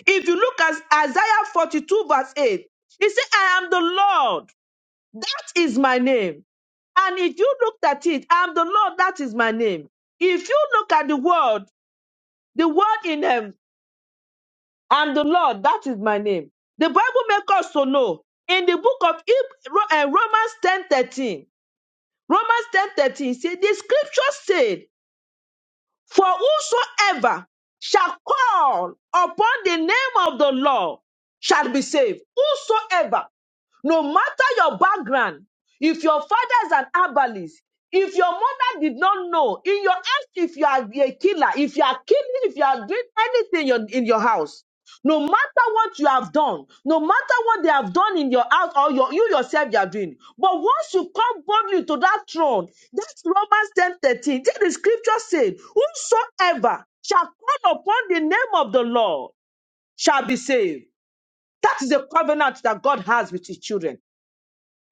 Speaker 1: if you look at Isaiah 42, verse 8, he said, I am the Lord, that is my name. And if you looked at it, I am the Lord, that is my name. If you look at the word, the word in heaven. and the Lord, that is my name. The Bible makes us to know in the book of Heb- Ro- eh, Romans ten thirteen. Romans ten thirteen 13 said, The scripture said, For whosoever shall call upon the name of the Lord shall be saved. Whosoever no matter your background, if your father is an herbalist, if your mother did not know, in your house, if you are a killer, if you are killing, if you are doing anything in your, in your house, no matter what you have done, no matter what they have done in your house or your, you yourself you are doing. But once you come boldly to that throne, that's Romans ten thirteen. 13. the scripture said, Whosoever shall call upon the name of the Lord shall be saved. That is the covenant that God has with his children.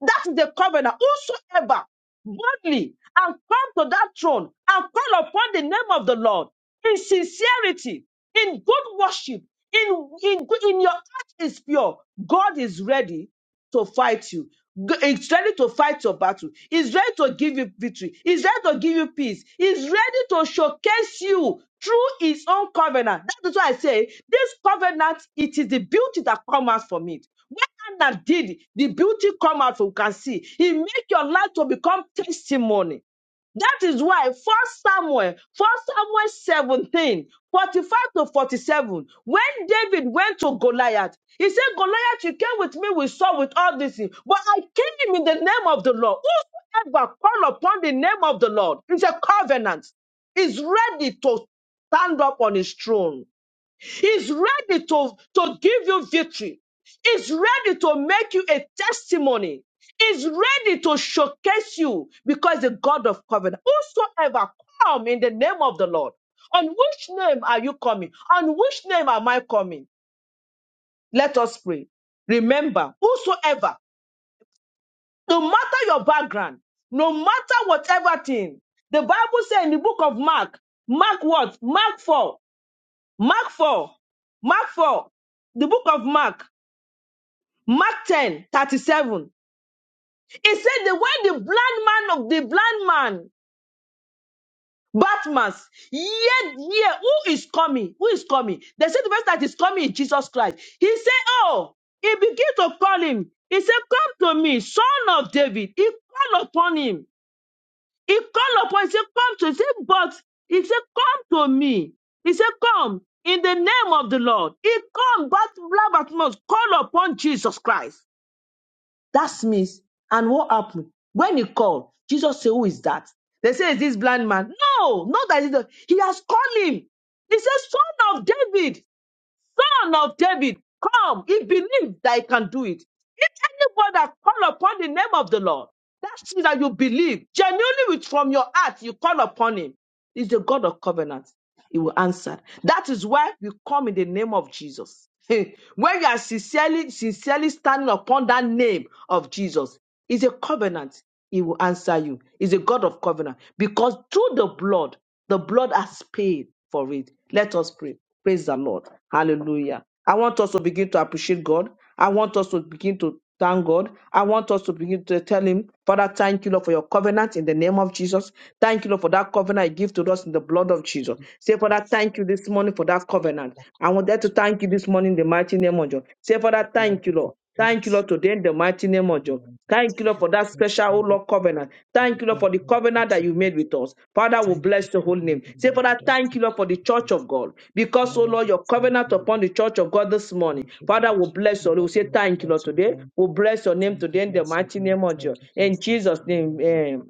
Speaker 1: That is the covenant. Whosoever boldly and come to that throne and call upon the name of the Lord in sincerity, in good worship, in, in, in your heart is pure, God is ready to fight you. G- It's ready to fight your battle. It's ready to give you victory. It's ready to give you peace. It's ready to showcase you through His own covenant. That is why I say this covenant. It is the beauty that comes out from it. When Hannah did it, the beauty come out from You can see. He make your life to become testimony. That is why First Samuel, First Samuel 17, 45 to 47, when David went to Goliath, he said, Goliath, you came with me with sword, with all this, thing, but I came in the name of the Lord. Whosoever call upon the name of the Lord is a covenant, is ready to stand up on his throne. He's ready to, to give you victory. He's ready to make you a testimony. He's ready to showcase you because the God of covenant, whosoever come in the name of the Lord. On which name are you coming? On which name am I coming? Let us pray. Remember, whosoever, no matter your background, no matter whatever thing, the Bible says in the book of Mark, Mark what? Mark 4, Mark 4, Mark 4, the book of Mark. Mark ten thirty seven. 37. It said that when the blind man of the blind man, Bartimaeus, yet, yeah, who is coming? Who is coming? They said the person that is coming is Jesus Christ. He said, Oh, he began to call him. He said, Come to me, son of David. He called upon him. He called upon, him. he said, Come to, me. he said, But, he said, Come to me. He said, Come in the name of the Lord. He come, but Bartimaeus, call upon Jesus Christ. That's means. And what happened? When he called, Jesus said, Who is that? They say, Is this blind man? No, not that he's he has called him. He says, Son of David son of David, come. He believes that he can do it. If anyone that call upon the name of the Lord, that's it that you believe genuinely with from your heart, you call upon him. He's the God of covenant. He will answer. That is why we come in the name of Jesus. when you are sincerely, sincerely standing upon that name of Jesus, is a covenant. He will answer you. He's a God of covenant because through the blood, the blood has paid for it. Let us pray. Praise the Lord. Hallelujah. I want us to begin to appreciate God. I want us to begin to thank God. I want us to begin to tell Him, Father, thank you, Lord, for your covenant in the name of Jesus. Thank you, Lord, for that covenant you give to us in the blood of
Speaker 2: I
Speaker 1: Jesus. Say, Father, thank you this morning for that covenant. I want that to thank
Speaker 2: the
Speaker 1: you this morning in the mighty name of Jesus. Say, Father,
Speaker 2: Lord
Speaker 1: thank you,
Speaker 2: of the
Speaker 1: Lord. Thank you,
Speaker 2: Prince.
Speaker 1: Lord, today in the mighty
Speaker 2: Thank
Speaker 1: name
Speaker 2: you,
Speaker 1: of Jesus.
Speaker 2: Lord.
Speaker 1: Thank you,
Speaker 2: Thank
Speaker 1: Lord,
Speaker 2: you
Speaker 1: for
Speaker 2: for
Speaker 1: that special, oh
Speaker 2: transforming
Speaker 1: Lord, covenant.
Speaker 2: the
Speaker 1: Thank you,
Speaker 2: go
Speaker 1: Lord, for the
Speaker 2: ahead of
Speaker 1: covenant
Speaker 2: us,
Speaker 1: that
Speaker 2: O
Speaker 1: you made
Speaker 2: Lord.
Speaker 1: with us. Father, we
Speaker 2: Thank you for
Speaker 1: bless the whole name.
Speaker 2: covering the
Speaker 1: Say,
Speaker 2: Lord of
Speaker 1: Father,
Speaker 2: the
Speaker 1: thank you,
Speaker 2: Thank
Speaker 1: Lord, for the church of God.
Speaker 2: But
Speaker 1: Because,
Speaker 2: our
Speaker 1: oh
Speaker 2: Lord,
Speaker 1: Lord,
Speaker 2: we
Speaker 1: your
Speaker 2: thank
Speaker 1: covenant
Speaker 2: you,
Speaker 1: upon
Speaker 2: Lord.
Speaker 1: the church of God this morning.
Speaker 2: Thank you,
Speaker 1: Father,
Speaker 2: Lord.
Speaker 1: we bless
Speaker 2: Father,
Speaker 1: your We say,
Speaker 2: we
Speaker 1: thank you,
Speaker 2: exalt
Speaker 1: Lord,
Speaker 2: your
Speaker 1: today.
Speaker 2: name.
Speaker 1: We bless your name
Speaker 2: Thank you,
Speaker 1: today in the
Speaker 2: bless your
Speaker 1: mighty
Speaker 2: name.
Speaker 1: name of
Speaker 2: Thank
Speaker 1: Jesus.
Speaker 2: you,
Speaker 1: In
Speaker 2: Jesus.
Speaker 1: Jesus' name,
Speaker 2: Amen.
Speaker 1: amen.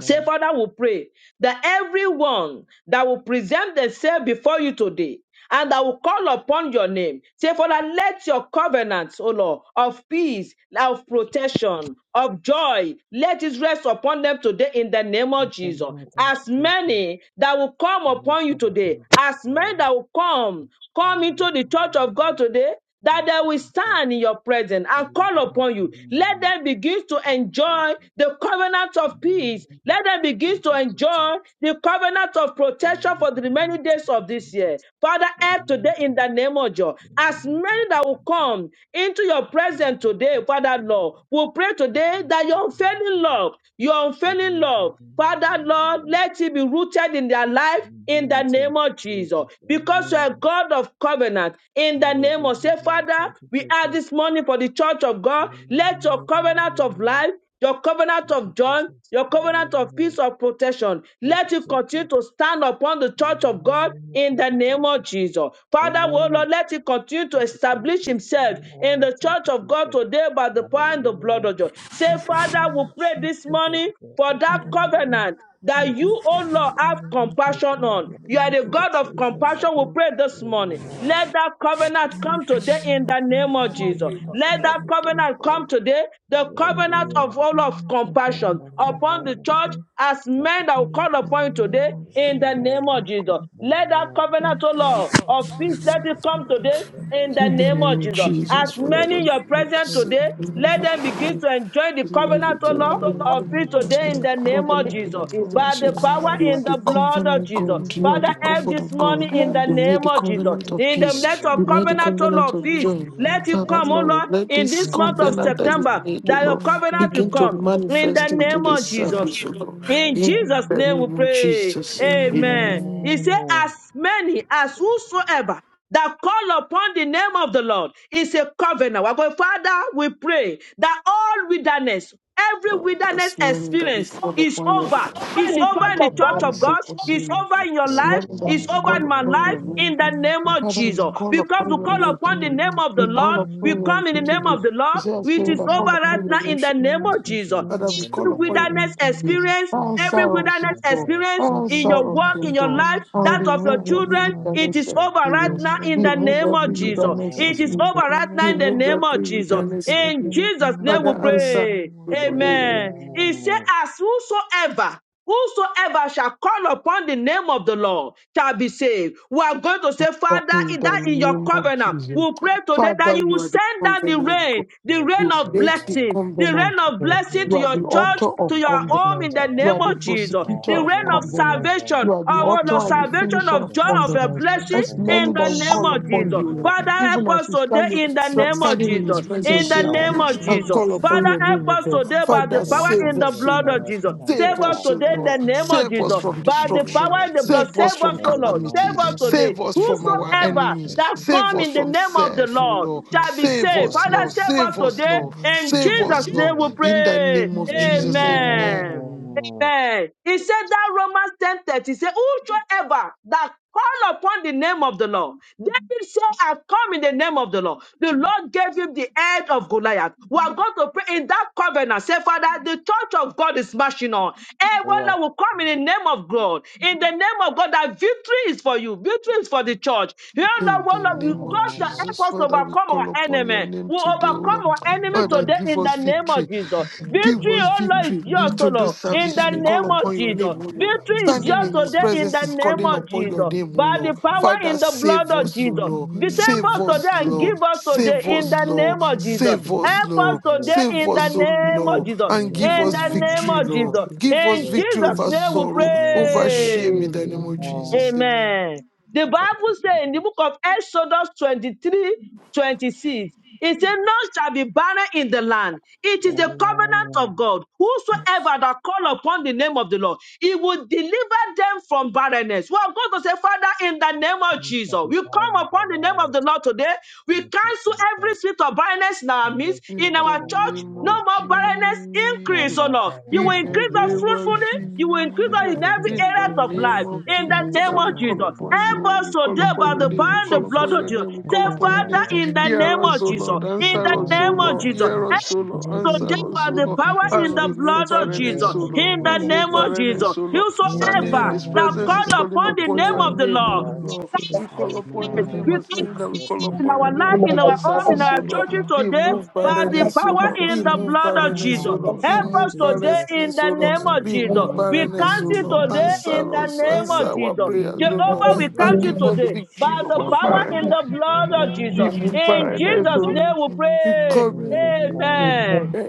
Speaker 1: Say, Father, we pray that everyone that will present themselves before you today and that will call upon your name, say, Father, let your covenants, O Lord, of peace, of protection, of joy, let it rest upon them today in the name of
Speaker 2: Your name,
Speaker 1: Jesus.
Speaker 2: Thank
Speaker 1: As
Speaker 2: you, Jesus.
Speaker 1: many that will come
Speaker 2: Lord,
Speaker 1: upon you
Speaker 2: for the
Speaker 1: today,
Speaker 2: Lord,
Speaker 1: as many
Speaker 2: Lord.
Speaker 1: that will come, come into
Speaker 2: Amen.
Speaker 1: the church of God today that
Speaker 2: Thank
Speaker 1: they
Speaker 2: you,
Speaker 1: will
Speaker 2: Jesus.
Speaker 1: stand in your presence and call
Speaker 2: Amen.
Speaker 1: upon you. Let them begin to enjoy the covenant of peace. Let them begin to enjoy the covenant of protection for the remaining days of this year. Father, help today in the name of Jesus. As many that will come into your presence today, Father Lord, we pray today that your unfailing love, your unfailing love, Father Lord, let it be rooted in their life in the name of Jesus. Because you are God of covenant, in the name of say, Father, we ask this morning for the church of God. Let your covenant of life, your covenant of joy, your covenant of peace of protection, let it continue to stand upon the church of God in the name of Jesus. Father, oh Lord, let it continue to
Speaker 2: Thank you,
Speaker 1: establish
Speaker 2: Jesus.
Speaker 1: himself in
Speaker 2: Amen.
Speaker 1: the
Speaker 2: Thank
Speaker 1: church
Speaker 2: you,
Speaker 1: of God
Speaker 2: Jesus.
Speaker 1: today by the power and the blood
Speaker 2: Hallelujah.
Speaker 1: of God. Say,
Speaker 2: Thank you,
Speaker 4: Jesus,
Speaker 1: Father, we
Speaker 2: Jesus.
Speaker 1: pray this
Speaker 2: Because
Speaker 1: morning
Speaker 2: of your
Speaker 1: for that
Speaker 4: Father,
Speaker 2: heavenly
Speaker 4: we pray.
Speaker 2: Lord.
Speaker 4: Let
Speaker 1: covenant
Speaker 4: me
Speaker 1: that
Speaker 2: Thank
Speaker 4: pray
Speaker 2: you,
Speaker 1: you, O
Speaker 4: for
Speaker 2: Jesus.
Speaker 4: the
Speaker 1: Lord, have
Speaker 4: glory of
Speaker 2: Thank you
Speaker 1: compassion
Speaker 2: for
Speaker 4: God
Speaker 2: the
Speaker 1: on.
Speaker 4: in
Speaker 2: Lord
Speaker 4: the
Speaker 1: You are
Speaker 2: you
Speaker 4: name
Speaker 1: the
Speaker 2: do
Speaker 4: of
Speaker 2: with
Speaker 1: God of
Speaker 2: praise the
Speaker 4: Jesus,
Speaker 1: compassion.
Speaker 2: Lord.
Speaker 1: We
Speaker 4: Lord.
Speaker 1: pray this morning. Let
Speaker 2: Amen.
Speaker 1: that
Speaker 2: Thank you,
Speaker 1: covenant
Speaker 4: Father,
Speaker 1: come
Speaker 4: Father,
Speaker 2: Jesus.
Speaker 1: today in
Speaker 4: Lord
Speaker 1: the
Speaker 4: God,
Speaker 1: name of
Speaker 4: in
Speaker 1: Jesus.
Speaker 4: the name
Speaker 2: Amen.
Speaker 4: of
Speaker 1: Let
Speaker 2: Thank
Speaker 1: that
Speaker 2: you,
Speaker 4: Jesus, Lord
Speaker 1: covenant
Speaker 2: Jesus.
Speaker 1: come
Speaker 4: God.
Speaker 1: today, the
Speaker 4: We pray
Speaker 1: covenant
Speaker 2: Hallelujah.
Speaker 1: of all of
Speaker 4: the goodness
Speaker 1: compassion
Speaker 4: of the Lord God
Speaker 1: upon the
Speaker 2: Amen.
Speaker 1: church
Speaker 4: today
Speaker 1: as
Speaker 2: Thank
Speaker 1: men
Speaker 2: you,
Speaker 1: that will
Speaker 4: in
Speaker 1: call
Speaker 4: the
Speaker 2: Jesus.
Speaker 1: upon you
Speaker 4: name
Speaker 1: today
Speaker 4: of
Speaker 1: in the
Speaker 4: Jesus,
Speaker 1: name
Speaker 2: Amen.
Speaker 1: of
Speaker 4: Lord
Speaker 1: Jesus.
Speaker 4: God.
Speaker 1: Let that
Speaker 2: Amen.
Speaker 1: covenant,
Speaker 4: Thank
Speaker 1: O
Speaker 4: you,
Speaker 1: Lord,
Speaker 4: Lord
Speaker 1: of peace,
Speaker 2: Thank
Speaker 4: Jesus,
Speaker 2: you,
Speaker 1: let it come
Speaker 2: Jesus.
Speaker 1: today
Speaker 4: Lord.
Speaker 1: in the
Speaker 5: In
Speaker 2: Hallelujah.
Speaker 5: the
Speaker 1: name
Speaker 5: name
Speaker 1: of
Speaker 5: of
Speaker 4: In the
Speaker 1: Jesus.
Speaker 2: Thank you
Speaker 4: name
Speaker 1: As
Speaker 5: Jesus,
Speaker 4: of
Speaker 2: for the Lord
Speaker 1: many
Speaker 5: forever.
Speaker 2: you
Speaker 1: in
Speaker 4: Jesus,
Speaker 2: do
Speaker 1: your
Speaker 2: with
Speaker 4: Lord
Speaker 5: Lord,
Speaker 2: praise.
Speaker 5: to
Speaker 1: presence
Speaker 4: God,
Speaker 5: save
Speaker 1: today,
Speaker 4: in the
Speaker 5: the
Speaker 2: Thank
Speaker 5: Lord,
Speaker 1: let
Speaker 2: you,
Speaker 5: Lord,
Speaker 4: name
Speaker 1: them
Speaker 4: of
Speaker 2: Jesus.
Speaker 1: begin
Speaker 4: Jesus.
Speaker 1: to enjoy the
Speaker 5: to
Speaker 4: We
Speaker 1: covenant, O
Speaker 4: pray,
Speaker 5: save the
Speaker 1: Lord,
Speaker 5: Lord, Lord,
Speaker 1: of peace
Speaker 4: Lord
Speaker 5: Lord,
Speaker 4: God,
Speaker 5: to
Speaker 1: today
Speaker 2: Hallelujah.
Speaker 4: that
Speaker 1: in
Speaker 5: the
Speaker 4: your
Speaker 1: the name of
Speaker 4: covenant,
Speaker 5: covenant
Speaker 2: Thank
Speaker 5: and
Speaker 1: Jesus.
Speaker 5: the
Speaker 4: Lord God,
Speaker 2: you,
Speaker 1: By the
Speaker 5: provision.
Speaker 2: Jesus.
Speaker 4: in the name
Speaker 1: power
Speaker 4: of
Speaker 5: You
Speaker 2: Amen.
Speaker 5: are
Speaker 1: in
Speaker 5: the
Speaker 1: the
Speaker 4: Jesus.
Speaker 1: blood of
Speaker 2: Thank
Speaker 5: covenant
Speaker 1: Jesus.
Speaker 4: be
Speaker 5: God. You are
Speaker 1: Father,
Speaker 5: the
Speaker 4: upon
Speaker 1: help
Speaker 4: us
Speaker 1: this
Speaker 5: covenant
Speaker 4: in the
Speaker 1: morning
Speaker 5: God.
Speaker 1: in
Speaker 4: name
Speaker 1: the
Speaker 4: of
Speaker 5: You made
Speaker 1: name
Speaker 5: the
Speaker 1: of
Speaker 4: Jesus
Speaker 1: Jesus.
Speaker 5: covenant
Speaker 4: Christ.
Speaker 5: of
Speaker 1: In the
Speaker 5: peace.
Speaker 1: let your
Speaker 5: You
Speaker 4: In
Speaker 5: made the
Speaker 4: the
Speaker 1: covenant, O
Speaker 4: name
Speaker 5: covenant
Speaker 4: of
Speaker 1: Lord, of
Speaker 5: of
Speaker 1: peace,
Speaker 5: joy.
Speaker 4: Jesus
Speaker 1: let
Speaker 4: Christ.
Speaker 1: it
Speaker 5: Father,
Speaker 1: come, O
Speaker 5: Lord,
Speaker 1: Lord,
Speaker 5: let
Speaker 1: in
Speaker 5: this
Speaker 1: this
Speaker 4: That the
Speaker 1: month of
Speaker 4: Lord
Speaker 5: covenant
Speaker 4: God,
Speaker 5: that you
Speaker 1: September,
Speaker 5: made, O
Speaker 1: that
Speaker 4: that
Speaker 1: your
Speaker 5: Lord,
Speaker 4: the God
Speaker 1: covenant will
Speaker 4: of
Speaker 5: begin to
Speaker 4: your
Speaker 1: come.
Speaker 4: covenant
Speaker 1: In
Speaker 4: will
Speaker 1: the
Speaker 5: manifest into
Speaker 4: come
Speaker 1: name
Speaker 5: this
Speaker 1: of
Speaker 4: upon
Speaker 1: Jesus.
Speaker 4: us
Speaker 5: service, O
Speaker 4: in
Speaker 5: Lord.
Speaker 4: the
Speaker 1: In
Speaker 4: name of
Speaker 5: In
Speaker 1: Jesus'
Speaker 5: the
Speaker 1: name
Speaker 4: Jesus.
Speaker 1: we
Speaker 5: name of
Speaker 1: pray.
Speaker 5: Jesus.
Speaker 1: Amen. He said,
Speaker 4: Amen.
Speaker 1: as many as whosoever that call upon the name of the Lord is a covenant. We're going, Father, we pray that all wilderness, every wilderness
Speaker 5: This morning that we
Speaker 1: experience
Speaker 5: call
Speaker 1: is
Speaker 5: upon your
Speaker 1: over.
Speaker 5: Over
Speaker 1: It's
Speaker 4: In
Speaker 5: name,
Speaker 1: over in the
Speaker 4: the
Speaker 1: church
Speaker 4: name
Speaker 5: name,
Speaker 1: of
Speaker 4: of
Speaker 1: God.
Speaker 5: support
Speaker 1: It's
Speaker 5: you.
Speaker 4: Jesus.
Speaker 1: over in your
Speaker 5: This
Speaker 1: life
Speaker 5: morning that
Speaker 4: That
Speaker 5: we
Speaker 1: is
Speaker 4: the
Speaker 1: over
Speaker 5: call
Speaker 1: in
Speaker 4: Lord
Speaker 1: my
Speaker 5: upon
Speaker 1: life
Speaker 4: punish
Speaker 5: your
Speaker 4: you
Speaker 5: name.
Speaker 1: in the name of
Speaker 5: Father, we
Speaker 1: Jesus.
Speaker 4: experience
Speaker 5: call
Speaker 1: Because
Speaker 5: upon
Speaker 1: we
Speaker 5: your
Speaker 1: call
Speaker 4: is
Speaker 5: name
Speaker 1: upon the
Speaker 5: today.
Speaker 1: name
Speaker 4: over.
Speaker 1: of the
Speaker 5: We
Speaker 4: In
Speaker 5: call
Speaker 4: the
Speaker 1: Lord, we
Speaker 5: upon
Speaker 4: name
Speaker 5: your
Speaker 4: of
Speaker 1: come in the
Speaker 5: name
Speaker 1: name
Speaker 5: today.
Speaker 1: of
Speaker 4: Jesus.
Speaker 1: the
Speaker 5: You
Speaker 1: Lord,
Speaker 5: say, as
Speaker 1: which
Speaker 5: many
Speaker 4: Every
Speaker 1: is
Speaker 5: that
Speaker 1: over
Speaker 5: call
Speaker 1: right
Speaker 5: upon
Speaker 4: wilderness
Speaker 5: your
Speaker 1: now
Speaker 5: name
Speaker 1: in the
Speaker 5: shall be
Speaker 1: name
Speaker 4: experience
Speaker 5: saved.
Speaker 1: of
Speaker 4: is
Speaker 1: Jesus.
Speaker 5: Father, we
Speaker 4: over.
Speaker 5: call
Speaker 1: Every
Speaker 5: upon
Speaker 1: wilderness
Speaker 4: In the
Speaker 5: you.
Speaker 4: name of
Speaker 1: experience,
Speaker 4: Jesus,
Speaker 1: every
Speaker 5: Answer
Speaker 4: Lord
Speaker 2: you
Speaker 5: us,
Speaker 2: for
Speaker 4: God.
Speaker 5: O
Speaker 1: wilderness
Speaker 2: the love.
Speaker 1: experience
Speaker 5: God.
Speaker 4: every
Speaker 1: in your
Speaker 5: Answer us,
Speaker 4: wilderness
Speaker 1: work,
Speaker 5: O
Speaker 1: in your
Speaker 2: Amen.
Speaker 5: God.
Speaker 1: life,
Speaker 4: experience in
Speaker 5: And
Speaker 1: that
Speaker 4: my
Speaker 1: of your
Speaker 5: remove
Speaker 4: family,
Speaker 2: Thank
Speaker 5: every
Speaker 4: in
Speaker 1: children,
Speaker 2: you,
Speaker 4: my
Speaker 1: it
Speaker 4: life,
Speaker 5: wilderness
Speaker 1: is over right
Speaker 5: experience.
Speaker 1: now
Speaker 4: in the
Speaker 1: in the
Speaker 4: name
Speaker 5: Remove
Speaker 4: of
Speaker 1: name of
Speaker 5: every
Speaker 4: Jesus, that is
Speaker 1: Jesus.
Speaker 5: wilderness
Speaker 1: It is
Speaker 4: obstructing
Speaker 5: experience.
Speaker 4: your
Speaker 1: over right now in
Speaker 4: covenant
Speaker 1: the
Speaker 5: Remove
Speaker 4: for
Speaker 1: name of
Speaker 5: every
Speaker 4: for
Speaker 1: Jesus.
Speaker 4: me
Speaker 5: wilderness
Speaker 4: to
Speaker 1: In
Speaker 2: Jesus.
Speaker 5: experience.
Speaker 4: fulfillment
Speaker 1: Jesus'
Speaker 4: manner
Speaker 1: name
Speaker 4: is
Speaker 1: we
Speaker 5: Father,
Speaker 4: over
Speaker 5: answer.
Speaker 4: in
Speaker 5: us,
Speaker 4: the
Speaker 1: pray.
Speaker 4: name of
Speaker 5: O God.
Speaker 4: Jesus.
Speaker 5: Amen.
Speaker 1: Amen. He
Speaker 4: Amen.
Speaker 1: said, as whosoever Whosoever shall call upon the name of the Lord shall be saved. We are going to say,
Speaker 5: Father,
Speaker 1: Father,
Speaker 5: in
Speaker 1: in
Speaker 5: the
Speaker 1: that in your
Speaker 5: name of
Speaker 1: covenant,
Speaker 5: Jesus.
Speaker 1: we pray today that
Speaker 5: Father,
Speaker 1: you will
Speaker 5: you are the
Speaker 1: send down the
Speaker 5: covenant God.
Speaker 1: rain, the
Speaker 5: You
Speaker 1: rain of
Speaker 5: made the
Speaker 1: blessing, the rain
Speaker 5: covenant.
Speaker 1: of
Speaker 4: In the
Speaker 5: Lord.
Speaker 4: name
Speaker 1: blessing
Speaker 5: You
Speaker 1: to
Speaker 4: of
Speaker 5: are
Speaker 1: your
Speaker 5: the
Speaker 4: Jesus.
Speaker 1: church,
Speaker 5: author of
Speaker 1: to your home in
Speaker 5: covenant.
Speaker 1: the
Speaker 4: In
Speaker 5: You
Speaker 4: the
Speaker 1: name
Speaker 5: are the
Speaker 1: of
Speaker 4: name of
Speaker 1: Jesus,
Speaker 5: prosecutor
Speaker 1: the
Speaker 4: Jesus.
Speaker 5: of
Speaker 1: rain
Speaker 4: Lord.
Speaker 1: of
Speaker 5: covenant. You
Speaker 1: salvation,
Speaker 5: are the
Speaker 4: Let the
Speaker 1: our of
Speaker 5: author
Speaker 4: rock
Speaker 5: and the
Speaker 2: Thank
Speaker 4: for me
Speaker 1: salvation,
Speaker 5: finisher
Speaker 4: will
Speaker 1: of
Speaker 5: of
Speaker 1: joy,
Speaker 4: stand
Speaker 1: of
Speaker 6: Jesus,
Speaker 1: a
Speaker 5: covenant.
Speaker 4: alone.
Speaker 1: blessing
Speaker 5: As
Speaker 1: in
Speaker 5: many
Speaker 1: the
Speaker 5: that will
Speaker 4: In the
Speaker 1: name
Speaker 5: call
Speaker 1: of
Speaker 4: name of
Speaker 5: upon
Speaker 1: Jesus.
Speaker 5: you, Lord,
Speaker 1: Father,
Speaker 4: Jesus.
Speaker 1: help
Speaker 4: Lord.
Speaker 5: even as
Speaker 1: us
Speaker 5: we
Speaker 1: today
Speaker 5: stand
Speaker 1: in the
Speaker 5: in,
Speaker 1: name
Speaker 4: Every
Speaker 2: you,
Speaker 1: of
Speaker 5: standing
Speaker 4: help
Speaker 5: in His
Speaker 1: Jesus.
Speaker 4: us, Lord
Speaker 1: In
Speaker 5: presence
Speaker 1: the
Speaker 5: here
Speaker 4: God,
Speaker 6: shower
Speaker 4: we
Speaker 1: name
Speaker 5: today
Speaker 6: your
Speaker 1: of
Speaker 2: Jesus.
Speaker 6: love
Speaker 4: send
Speaker 5: and
Speaker 1: Jesus.
Speaker 4: us
Speaker 5: call
Speaker 6: blessing.
Speaker 4: your
Speaker 5: upon
Speaker 1: Father,
Speaker 5: your
Speaker 4: way.
Speaker 1: help
Speaker 5: name, O
Speaker 1: us
Speaker 5: God.
Speaker 1: today by
Speaker 4: In
Speaker 1: the
Speaker 5: Father,
Speaker 4: the
Speaker 1: power
Speaker 5: save
Speaker 1: in
Speaker 4: name of
Speaker 1: the
Speaker 5: us, O
Speaker 1: blood
Speaker 5: Lord.
Speaker 1: of
Speaker 4: Jesus.
Speaker 1: Jesus.
Speaker 4: Lord.
Speaker 5: Save
Speaker 1: Save us
Speaker 6: Thank
Speaker 5: us, O
Speaker 6: you,
Speaker 1: today in
Speaker 4: Let
Speaker 5: Lord.
Speaker 1: the
Speaker 6: bless
Speaker 4: the
Speaker 6: you,
Speaker 1: name
Speaker 6: Lord.
Speaker 4: rock
Speaker 1: of
Speaker 5: Save us
Speaker 1: Jesus.
Speaker 5: from
Speaker 4: for us
Speaker 1: By
Speaker 4: in
Speaker 1: the
Speaker 4: the name
Speaker 5: destruction.
Speaker 4: of
Speaker 1: power in the blood,
Speaker 5: Save
Speaker 6: It's
Speaker 5: us
Speaker 1: save
Speaker 6: an
Speaker 4: Jesus.
Speaker 1: us,
Speaker 5: from
Speaker 1: O
Speaker 6: amazing
Speaker 1: Lord.
Speaker 5: calamity.
Speaker 1: Save
Speaker 6: thing
Speaker 1: us
Speaker 4: That is
Speaker 1: today.
Speaker 5: Save
Speaker 4: all
Speaker 5: us
Speaker 4: God
Speaker 5: from
Speaker 4: in the
Speaker 5: our
Speaker 6: because of
Speaker 4: name of
Speaker 6: the
Speaker 1: Whosoever
Speaker 5: enemies.
Speaker 2: Thank
Speaker 1: that
Speaker 4: Jesus.
Speaker 2: you
Speaker 5: Save
Speaker 1: come
Speaker 2: for
Speaker 5: us
Speaker 1: in the
Speaker 2: the
Speaker 5: from
Speaker 1: name
Speaker 2: thank
Speaker 1: of
Speaker 2: you,
Speaker 1: the
Speaker 5: self, O
Speaker 4: That
Speaker 2: God.
Speaker 4: is
Speaker 1: Lord
Speaker 5: Lord.
Speaker 4: how
Speaker 1: shall be
Speaker 4: God
Speaker 5: Save
Speaker 4: stop
Speaker 1: saved.
Speaker 5: us,
Speaker 4: God.
Speaker 1: Father,
Speaker 5: Lord.
Speaker 1: save us
Speaker 5: Save us,
Speaker 1: today.
Speaker 2: Amen.
Speaker 4: It
Speaker 5: Lord.
Speaker 4: is
Speaker 1: In
Speaker 4: in
Speaker 5: Save
Speaker 4: the
Speaker 2: Thank
Speaker 5: us,
Speaker 1: Jesus'
Speaker 4: name of
Speaker 5: Lord.
Speaker 1: name
Speaker 2: you,
Speaker 1: we
Speaker 2: Jesus.
Speaker 5: In the
Speaker 1: pray.
Speaker 5: name
Speaker 2: Amen.
Speaker 5: of
Speaker 2: Yes,
Speaker 5: Jesus, amen.
Speaker 1: Amen.
Speaker 4: Amen.
Speaker 2: amen.
Speaker 1: Amen. He said that Romans ten thirty. 30 said, Whosoever that call upon the name of the Lord, David said, I come in the name of the Lord. The Lord gave him the head of Goliath. We are going to pray in that covenant. Say, Father, the church of God is marching on. Everyone that
Speaker 2: Thank
Speaker 1: will come in the name of God, in the name of God, that victory is for you, victory is for the church. You know,
Speaker 5: In the
Speaker 1: one of you,
Speaker 5: name of
Speaker 1: God to
Speaker 5: Jesus,
Speaker 1: help us
Speaker 5: Father, we
Speaker 1: overcome
Speaker 5: call
Speaker 1: our
Speaker 5: upon your
Speaker 1: enemy.
Speaker 5: name
Speaker 1: We
Speaker 5: today, O
Speaker 2: you
Speaker 5: Lord.
Speaker 1: overcome
Speaker 4: That
Speaker 1: our
Speaker 2: for the
Speaker 4: is all
Speaker 1: enemy
Speaker 2: power and
Speaker 5: Father,
Speaker 2: the
Speaker 1: today
Speaker 4: God.
Speaker 5: give
Speaker 2: love
Speaker 1: in
Speaker 5: us
Speaker 1: the
Speaker 2: of Jesus.
Speaker 1: name
Speaker 5: victory.
Speaker 1: of
Speaker 2: Thank
Speaker 4: That
Speaker 2: you
Speaker 4: is
Speaker 1: Jesus.
Speaker 4: all
Speaker 2: for the
Speaker 5: Give
Speaker 4: God
Speaker 1: Victory,
Speaker 5: us
Speaker 2: man.
Speaker 1: oh
Speaker 4: which is
Speaker 1: Lord, is
Speaker 5: victory in
Speaker 1: yours,
Speaker 4: for us.
Speaker 1: oh
Speaker 4: We
Speaker 1: Lord,
Speaker 5: today's
Speaker 4: shall
Speaker 1: in
Speaker 5: service.
Speaker 1: the
Speaker 4: give
Speaker 5: We
Speaker 2: Thank
Speaker 4: us
Speaker 5: call
Speaker 1: name
Speaker 2: you for
Speaker 1: of
Speaker 5: upon your
Speaker 4: victory.
Speaker 1: Jesus.
Speaker 5: name, O Lord.
Speaker 2: the
Speaker 1: Victory
Speaker 4: That
Speaker 1: is
Speaker 4: is
Speaker 5: Standing
Speaker 1: yours
Speaker 4: all
Speaker 5: in
Speaker 2: man.
Speaker 5: his
Speaker 4: God
Speaker 1: today
Speaker 4: we
Speaker 1: in
Speaker 5: presence
Speaker 1: the
Speaker 5: is
Speaker 4: shall
Speaker 1: name
Speaker 5: calling
Speaker 1: of
Speaker 5: upon
Speaker 2: Thank
Speaker 5: your
Speaker 1: Jesus.
Speaker 4: overcome in
Speaker 2: you,
Speaker 5: name,
Speaker 4: the
Speaker 5: O
Speaker 1: By
Speaker 4: name
Speaker 1: the
Speaker 5: Lord.
Speaker 2: Jesus.
Speaker 4: of
Speaker 2: Amen.
Speaker 4: Jesus.
Speaker 1: power
Speaker 5: Father,
Speaker 1: in the blood
Speaker 5: save
Speaker 1: of
Speaker 4: That
Speaker 5: us, O
Speaker 4: is
Speaker 1: Jesus.
Speaker 4: your
Speaker 5: Lord.
Speaker 4: leaders
Speaker 1: Save
Speaker 4: and
Speaker 5: Save
Speaker 1: us
Speaker 5: us,
Speaker 1: today and
Speaker 5: Lord.
Speaker 1: give
Speaker 4: overcomer
Speaker 1: us today
Speaker 5: Save
Speaker 1: in
Speaker 5: us,
Speaker 1: the
Speaker 4: in the
Speaker 5: Lord.
Speaker 1: name of
Speaker 4: name of
Speaker 1: Jesus.
Speaker 2: Thank
Speaker 5: Save
Speaker 2: you,
Speaker 5: us,
Speaker 4: Jesus.
Speaker 1: Help us
Speaker 4: That
Speaker 5: Lord.
Speaker 1: today
Speaker 5: Save
Speaker 1: in
Speaker 2: Jesus.
Speaker 1: the
Speaker 5: us, O
Speaker 4: is help
Speaker 1: name of
Speaker 5: Lord.
Speaker 4: us
Speaker 1: Jesus.
Speaker 5: And
Speaker 4: today
Speaker 5: give
Speaker 6: And it
Speaker 1: In
Speaker 5: us
Speaker 1: the
Speaker 4: in the
Speaker 2: Amen.
Speaker 6: comes
Speaker 1: name
Speaker 5: victory,
Speaker 2: For
Speaker 1: of
Speaker 4: name of
Speaker 5: Lord.
Speaker 2: God
Speaker 1: Jesus.
Speaker 4: Jesus.
Speaker 5: Give us
Speaker 1: In
Speaker 2: today.
Speaker 5: victory
Speaker 1: Jesus'
Speaker 4: That
Speaker 5: over
Speaker 4: is
Speaker 1: name we
Speaker 6: to
Speaker 5: sorrow,
Speaker 4: help us in
Speaker 2: Amen.
Speaker 6: Jesus.
Speaker 4: the
Speaker 5: over
Speaker 4: name of
Speaker 5: shame
Speaker 4: Jesus.
Speaker 5: in
Speaker 1: pray.
Speaker 5: the name of Jesus.
Speaker 4: Amen.
Speaker 5: Amen.
Speaker 1: Amen. The
Speaker 2: Thank you,
Speaker 1: Bible says in the
Speaker 2: Jesus.
Speaker 1: book of Exodus 23 26, it says, None shall be barren in the land. It is the covenant
Speaker 2: Amen.
Speaker 1: of God.
Speaker 4: Yes.
Speaker 1: Whosoever that call upon the name of the Lord, he will deliver them from barrenness. Well, God will say, Father, in the name of
Speaker 2: Things for
Speaker 1: Jesus, we
Speaker 2: desiring
Speaker 1: come upon
Speaker 2: the
Speaker 1: the name of
Speaker 2: wallet
Speaker 1: the Lord today. We
Speaker 2: and
Speaker 1: cancel
Speaker 2: kissing the
Speaker 1: every
Speaker 2: stuff.
Speaker 1: spirit of barrenness in our
Speaker 2: Never
Speaker 1: midst,
Speaker 2: see
Speaker 1: in
Speaker 5: In
Speaker 2: the
Speaker 5: the
Speaker 1: our
Speaker 2: one no
Speaker 1: church,
Speaker 5: name
Speaker 1: no
Speaker 2: more
Speaker 5: of
Speaker 2: for
Speaker 1: more
Speaker 2: love.
Speaker 1: barrenness,
Speaker 2: No
Speaker 1: increase,
Speaker 5: Jesus.
Speaker 1: oh
Speaker 2: more
Speaker 1: Lord. You
Speaker 2: parents
Speaker 1: will
Speaker 5: In
Speaker 4: In
Speaker 2: in my
Speaker 4: the
Speaker 5: the
Speaker 1: increase us
Speaker 4: name of
Speaker 5: name
Speaker 2: church for
Speaker 5: of
Speaker 2: love.
Speaker 1: fruitfully.
Speaker 4: Jesus,
Speaker 1: You
Speaker 4: that
Speaker 1: will increase
Speaker 2: When
Speaker 1: us
Speaker 5: Jesus.
Speaker 1: in
Speaker 4: we
Speaker 2: kids
Speaker 1: every
Speaker 2: are
Speaker 4: will
Speaker 5: In the
Speaker 1: area
Speaker 4: pray
Speaker 1: of
Speaker 4: that
Speaker 5: name
Speaker 1: life.
Speaker 2: faithfully
Speaker 5: of
Speaker 1: In the
Speaker 5: Jesus.
Speaker 2: developed,
Speaker 4: fruitfulness
Speaker 1: name
Speaker 5: Father,
Speaker 4: is
Speaker 2: they
Speaker 5: we
Speaker 1: of
Speaker 2: are
Speaker 4: our
Speaker 5: call
Speaker 2: no
Speaker 1: Jesus.
Speaker 5: upon you.
Speaker 2: longer.
Speaker 1: Help
Speaker 4: portion.
Speaker 1: us
Speaker 5: We call
Speaker 1: today
Speaker 4: In the
Speaker 5: upon
Speaker 1: by
Speaker 5: your
Speaker 1: the
Speaker 2: No
Speaker 4: name
Speaker 5: name.
Speaker 1: power
Speaker 4: of
Speaker 5: We
Speaker 1: and the
Speaker 5: call
Speaker 2: more
Speaker 1: blood
Speaker 4: Jesus,
Speaker 5: upon
Speaker 1: of
Speaker 5: your
Speaker 2: help
Speaker 1: Jesus.
Speaker 5: name. We
Speaker 2: on
Speaker 4: as
Speaker 1: Say,
Speaker 5: call
Speaker 4: you
Speaker 2: the
Speaker 4: have
Speaker 5: upon your
Speaker 4: made a
Speaker 1: Father,
Speaker 5: name.
Speaker 2: love.
Speaker 1: in the
Speaker 4: covenant with
Speaker 5: Hear
Speaker 1: name
Speaker 5: us,
Speaker 1: of
Speaker 4: us,
Speaker 5: O
Speaker 4: that
Speaker 1: Jesus.
Speaker 5: Lord.
Speaker 4: none shall
Speaker 2: A
Speaker 1: In
Speaker 4: be
Speaker 5: Answer
Speaker 1: the
Speaker 5: us,
Speaker 4: barren
Speaker 5: O
Speaker 4: in
Speaker 1: name
Speaker 4: the
Speaker 1: of
Speaker 5: Lord.
Speaker 4: house,
Speaker 1: Jesus.
Speaker 5: Hear
Speaker 4: Lord.
Speaker 1: Help
Speaker 2: man
Speaker 5: us, O
Speaker 2: in the
Speaker 4: In
Speaker 5: Lord.
Speaker 4: every
Speaker 1: so
Speaker 5: Answer
Speaker 2: business.
Speaker 4: area
Speaker 1: death
Speaker 4: of
Speaker 5: us,
Speaker 1: by
Speaker 5: O
Speaker 4: our
Speaker 1: the
Speaker 4: life,
Speaker 5: Lord.
Speaker 4: that it
Speaker 1: power
Speaker 4: will
Speaker 1: in
Speaker 2: Let
Speaker 5: And
Speaker 1: the
Speaker 2: us
Speaker 4: speak
Speaker 5: remove
Speaker 1: blood of
Speaker 4: fruitfulness in
Speaker 2: secure
Speaker 1: Jesus,
Speaker 5: barrenness,
Speaker 4: the
Speaker 5: O
Speaker 2: in the
Speaker 4: name
Speaker 5: Lord.
Speaker 1: in
Speaker 4: of
Speaker 1: the
Speaker 2: blood of
Speaker 5: Remove
Speaker 1: name of
Speaker 4: Jesus, Lord.
Speaker 1: Jesus,
Speaker 2: Jesus.
Speaker 5: barrenness, O Lord.
Speaker 4: In every
Speaker 5: Standing in
Speaker 1: whosoever
Speaker 4: area of
Speaker 5: his
Speaker 4: our
Speaker 1: that
Speaker 4: life,
Speaker 5: presence
Speaker 2: Amen.
Speaker 4: that
Speaker 5: is
Speaker 4: it
Speaker 1: call
Speaker 4: will
Speaker 5: calling
Speaker 1: upon
Speaker 2: With
Speaker 4: speak
Speaker 1: the
Speaker 2: the
Speaker 5: upon your
Speaker 1: name of
Speaker 2: fire
Speaker 4: fruitfulness
Speaker 2: of
Speaker 1: the
Speaker 2: the
Speaker 4: in
Speaker 5: name,
Speaker 4: the
Speaker 5: O
Speaker 1: Lord,
Speaker 4: name
Speaker 2: Lord.
Speaker 4: of
Speaker 5: Lord.
Speaker 4: Jesus.
Speaker 5: We call upon your
Speaker 1: darkness.
Speaker 4: That it
Speaker 2: Amen.
Speaker 5: name
Speaker 1: We
Speaker 4: will
Speaker 1: thank
Speaker 5: as
Speaker 4: speak
Speaker 5: many that we call
Speaker 2: Because
Speaker 1: in
Speaker 4: fruitfulness,
Speaker 2: we
Speaker 5: upon your
Speaker 1: our
Speaker 4: Lord,
Speaker 5: name
Speaker 2: cannot
Speaker 1: life,
Speaker 4: in the
Speaker 2: do
Speaker 5: into
Speaker 1: in
Speaker 2: this
Speaker 1: our
Speaker 5: this
Speaker 4: name of
Speaker 1: home, in
Speaker 5: service,
Speaker 1: our
Speaker 5: O
Speaker 2: ourselves.
Speaker 4: Jesus,
Speaker 5: Lord.
Speaker 1: churches
Speaker 4: Lord.
Speaker 1: today,
Speaker 5: Remove
Speaker 4: That
Speaker 1: by
Speaker 4: it
Speaker 1: the
Speaker 4: will
Speaker 5: barrenness, O
Speaker 4: speak
Speaker 5: Lord.
Speaker 1: power in the
Speaker 5: Remove
Speaker 4: fruitfulness
Speaker 1: blood
Speaker 4: in
Speaker 1: of
Speaker 4: the
Speaker 5: barrenness, O
Speaker 1: Jesus.
Speaker 4: name of
Speaker 2: Hallelujah,
Speaker 5: Lord.
Speaker 2: blood
Speaker 1: Help
Speaker 2: of
Speaker 1: us
Speaker 5: Remove
Speaker 4: Jesus, Lord.
Speaker 2: Jesus.
Speaker 1: today in
Speaker 5: barrenness, O
Speaker 1: the
Speaker 5: Lord.
Speaker 4: That
Speaker 1: name
Speaker 4: is
Speaker 1: of
Speaker 4: help
Speaker 1: Jesus.
Speaker 5: Remove
Speaker 4: us
Speaker 1: We
Speaker 2: Amen.
Speaker 4: today
Speaker 5: barrenness,
Speaker 4: in
Speaker 5: O
Speaker 1: cancel
Speaker 4: the
Speaker 5: Lord.
Speaker 4: name
Speaker 1: today
Speaker 4: of
Speaker 1: in
Speaker 5: Answer
Speaker 1: the
Speaker 4: Jesus.
Speaker 5: us,
Speaker 4: Lord.
Speaker 1: name
Speaker 5: answer
Speaker 2: Thank
Speaker 1: of
Speaker 2: you,
Speaker 5: our
Speaker 1: Jesus.
Speaker 5: prayers,
Speaker 4: That is
Speaker 2: Jesus.
Speaker 5: O
Speaker 4: not
Speaker 5: Lord.
Speaker 1: Jehovah, we
Speaker 4: God
Speaker 5: And
Speaker 4: in the
Speaker 1: cancel
Speaker 2: Hallelujah.
Speaker 5: give us the
Speaker 1: today
Speaker 4: name of
Speaker 5: victory
Speaker 1: by the
Speaker 5: over
Speaker 2: Thank
Speaker 4: Jesus.
Speaker 2: you,
Speaker 4: Lord.
Speaker 1: power in
Speaker 5: barrenness.
Speaker 2: Jesus.
Speaker 1: the
Speaker 5: O
Speaker 2: The
Speaker 5: Lord.
Speaker 1: blood of
Speaker 4: That
Speaker 2: Lord.
Speaker 1: Jesus.
Speaker 4: is not
Speaker 5: Remove
Speaker 4: God
Speaker 1: In
Speaker 4: with
Speaker 5: barrenness, O
Speaker 1: Jesus'
Speaker 2: Amen.
Speaker 4: power
Speaker 1: name
Speaker 5: Lord.
Speaker 1: we
Speaker 4: upon us
Speaker 5: We
Speaker 4: in the
Speaker 1: pray.
Speaker 5: come
Speaker 4: name of
Speaker 5: in.
Speaker 4: Jesus.
Speaker 1: Amen.
Speaker 2: Amen.
Speaker 4: Amen.
Speaker 5: eh,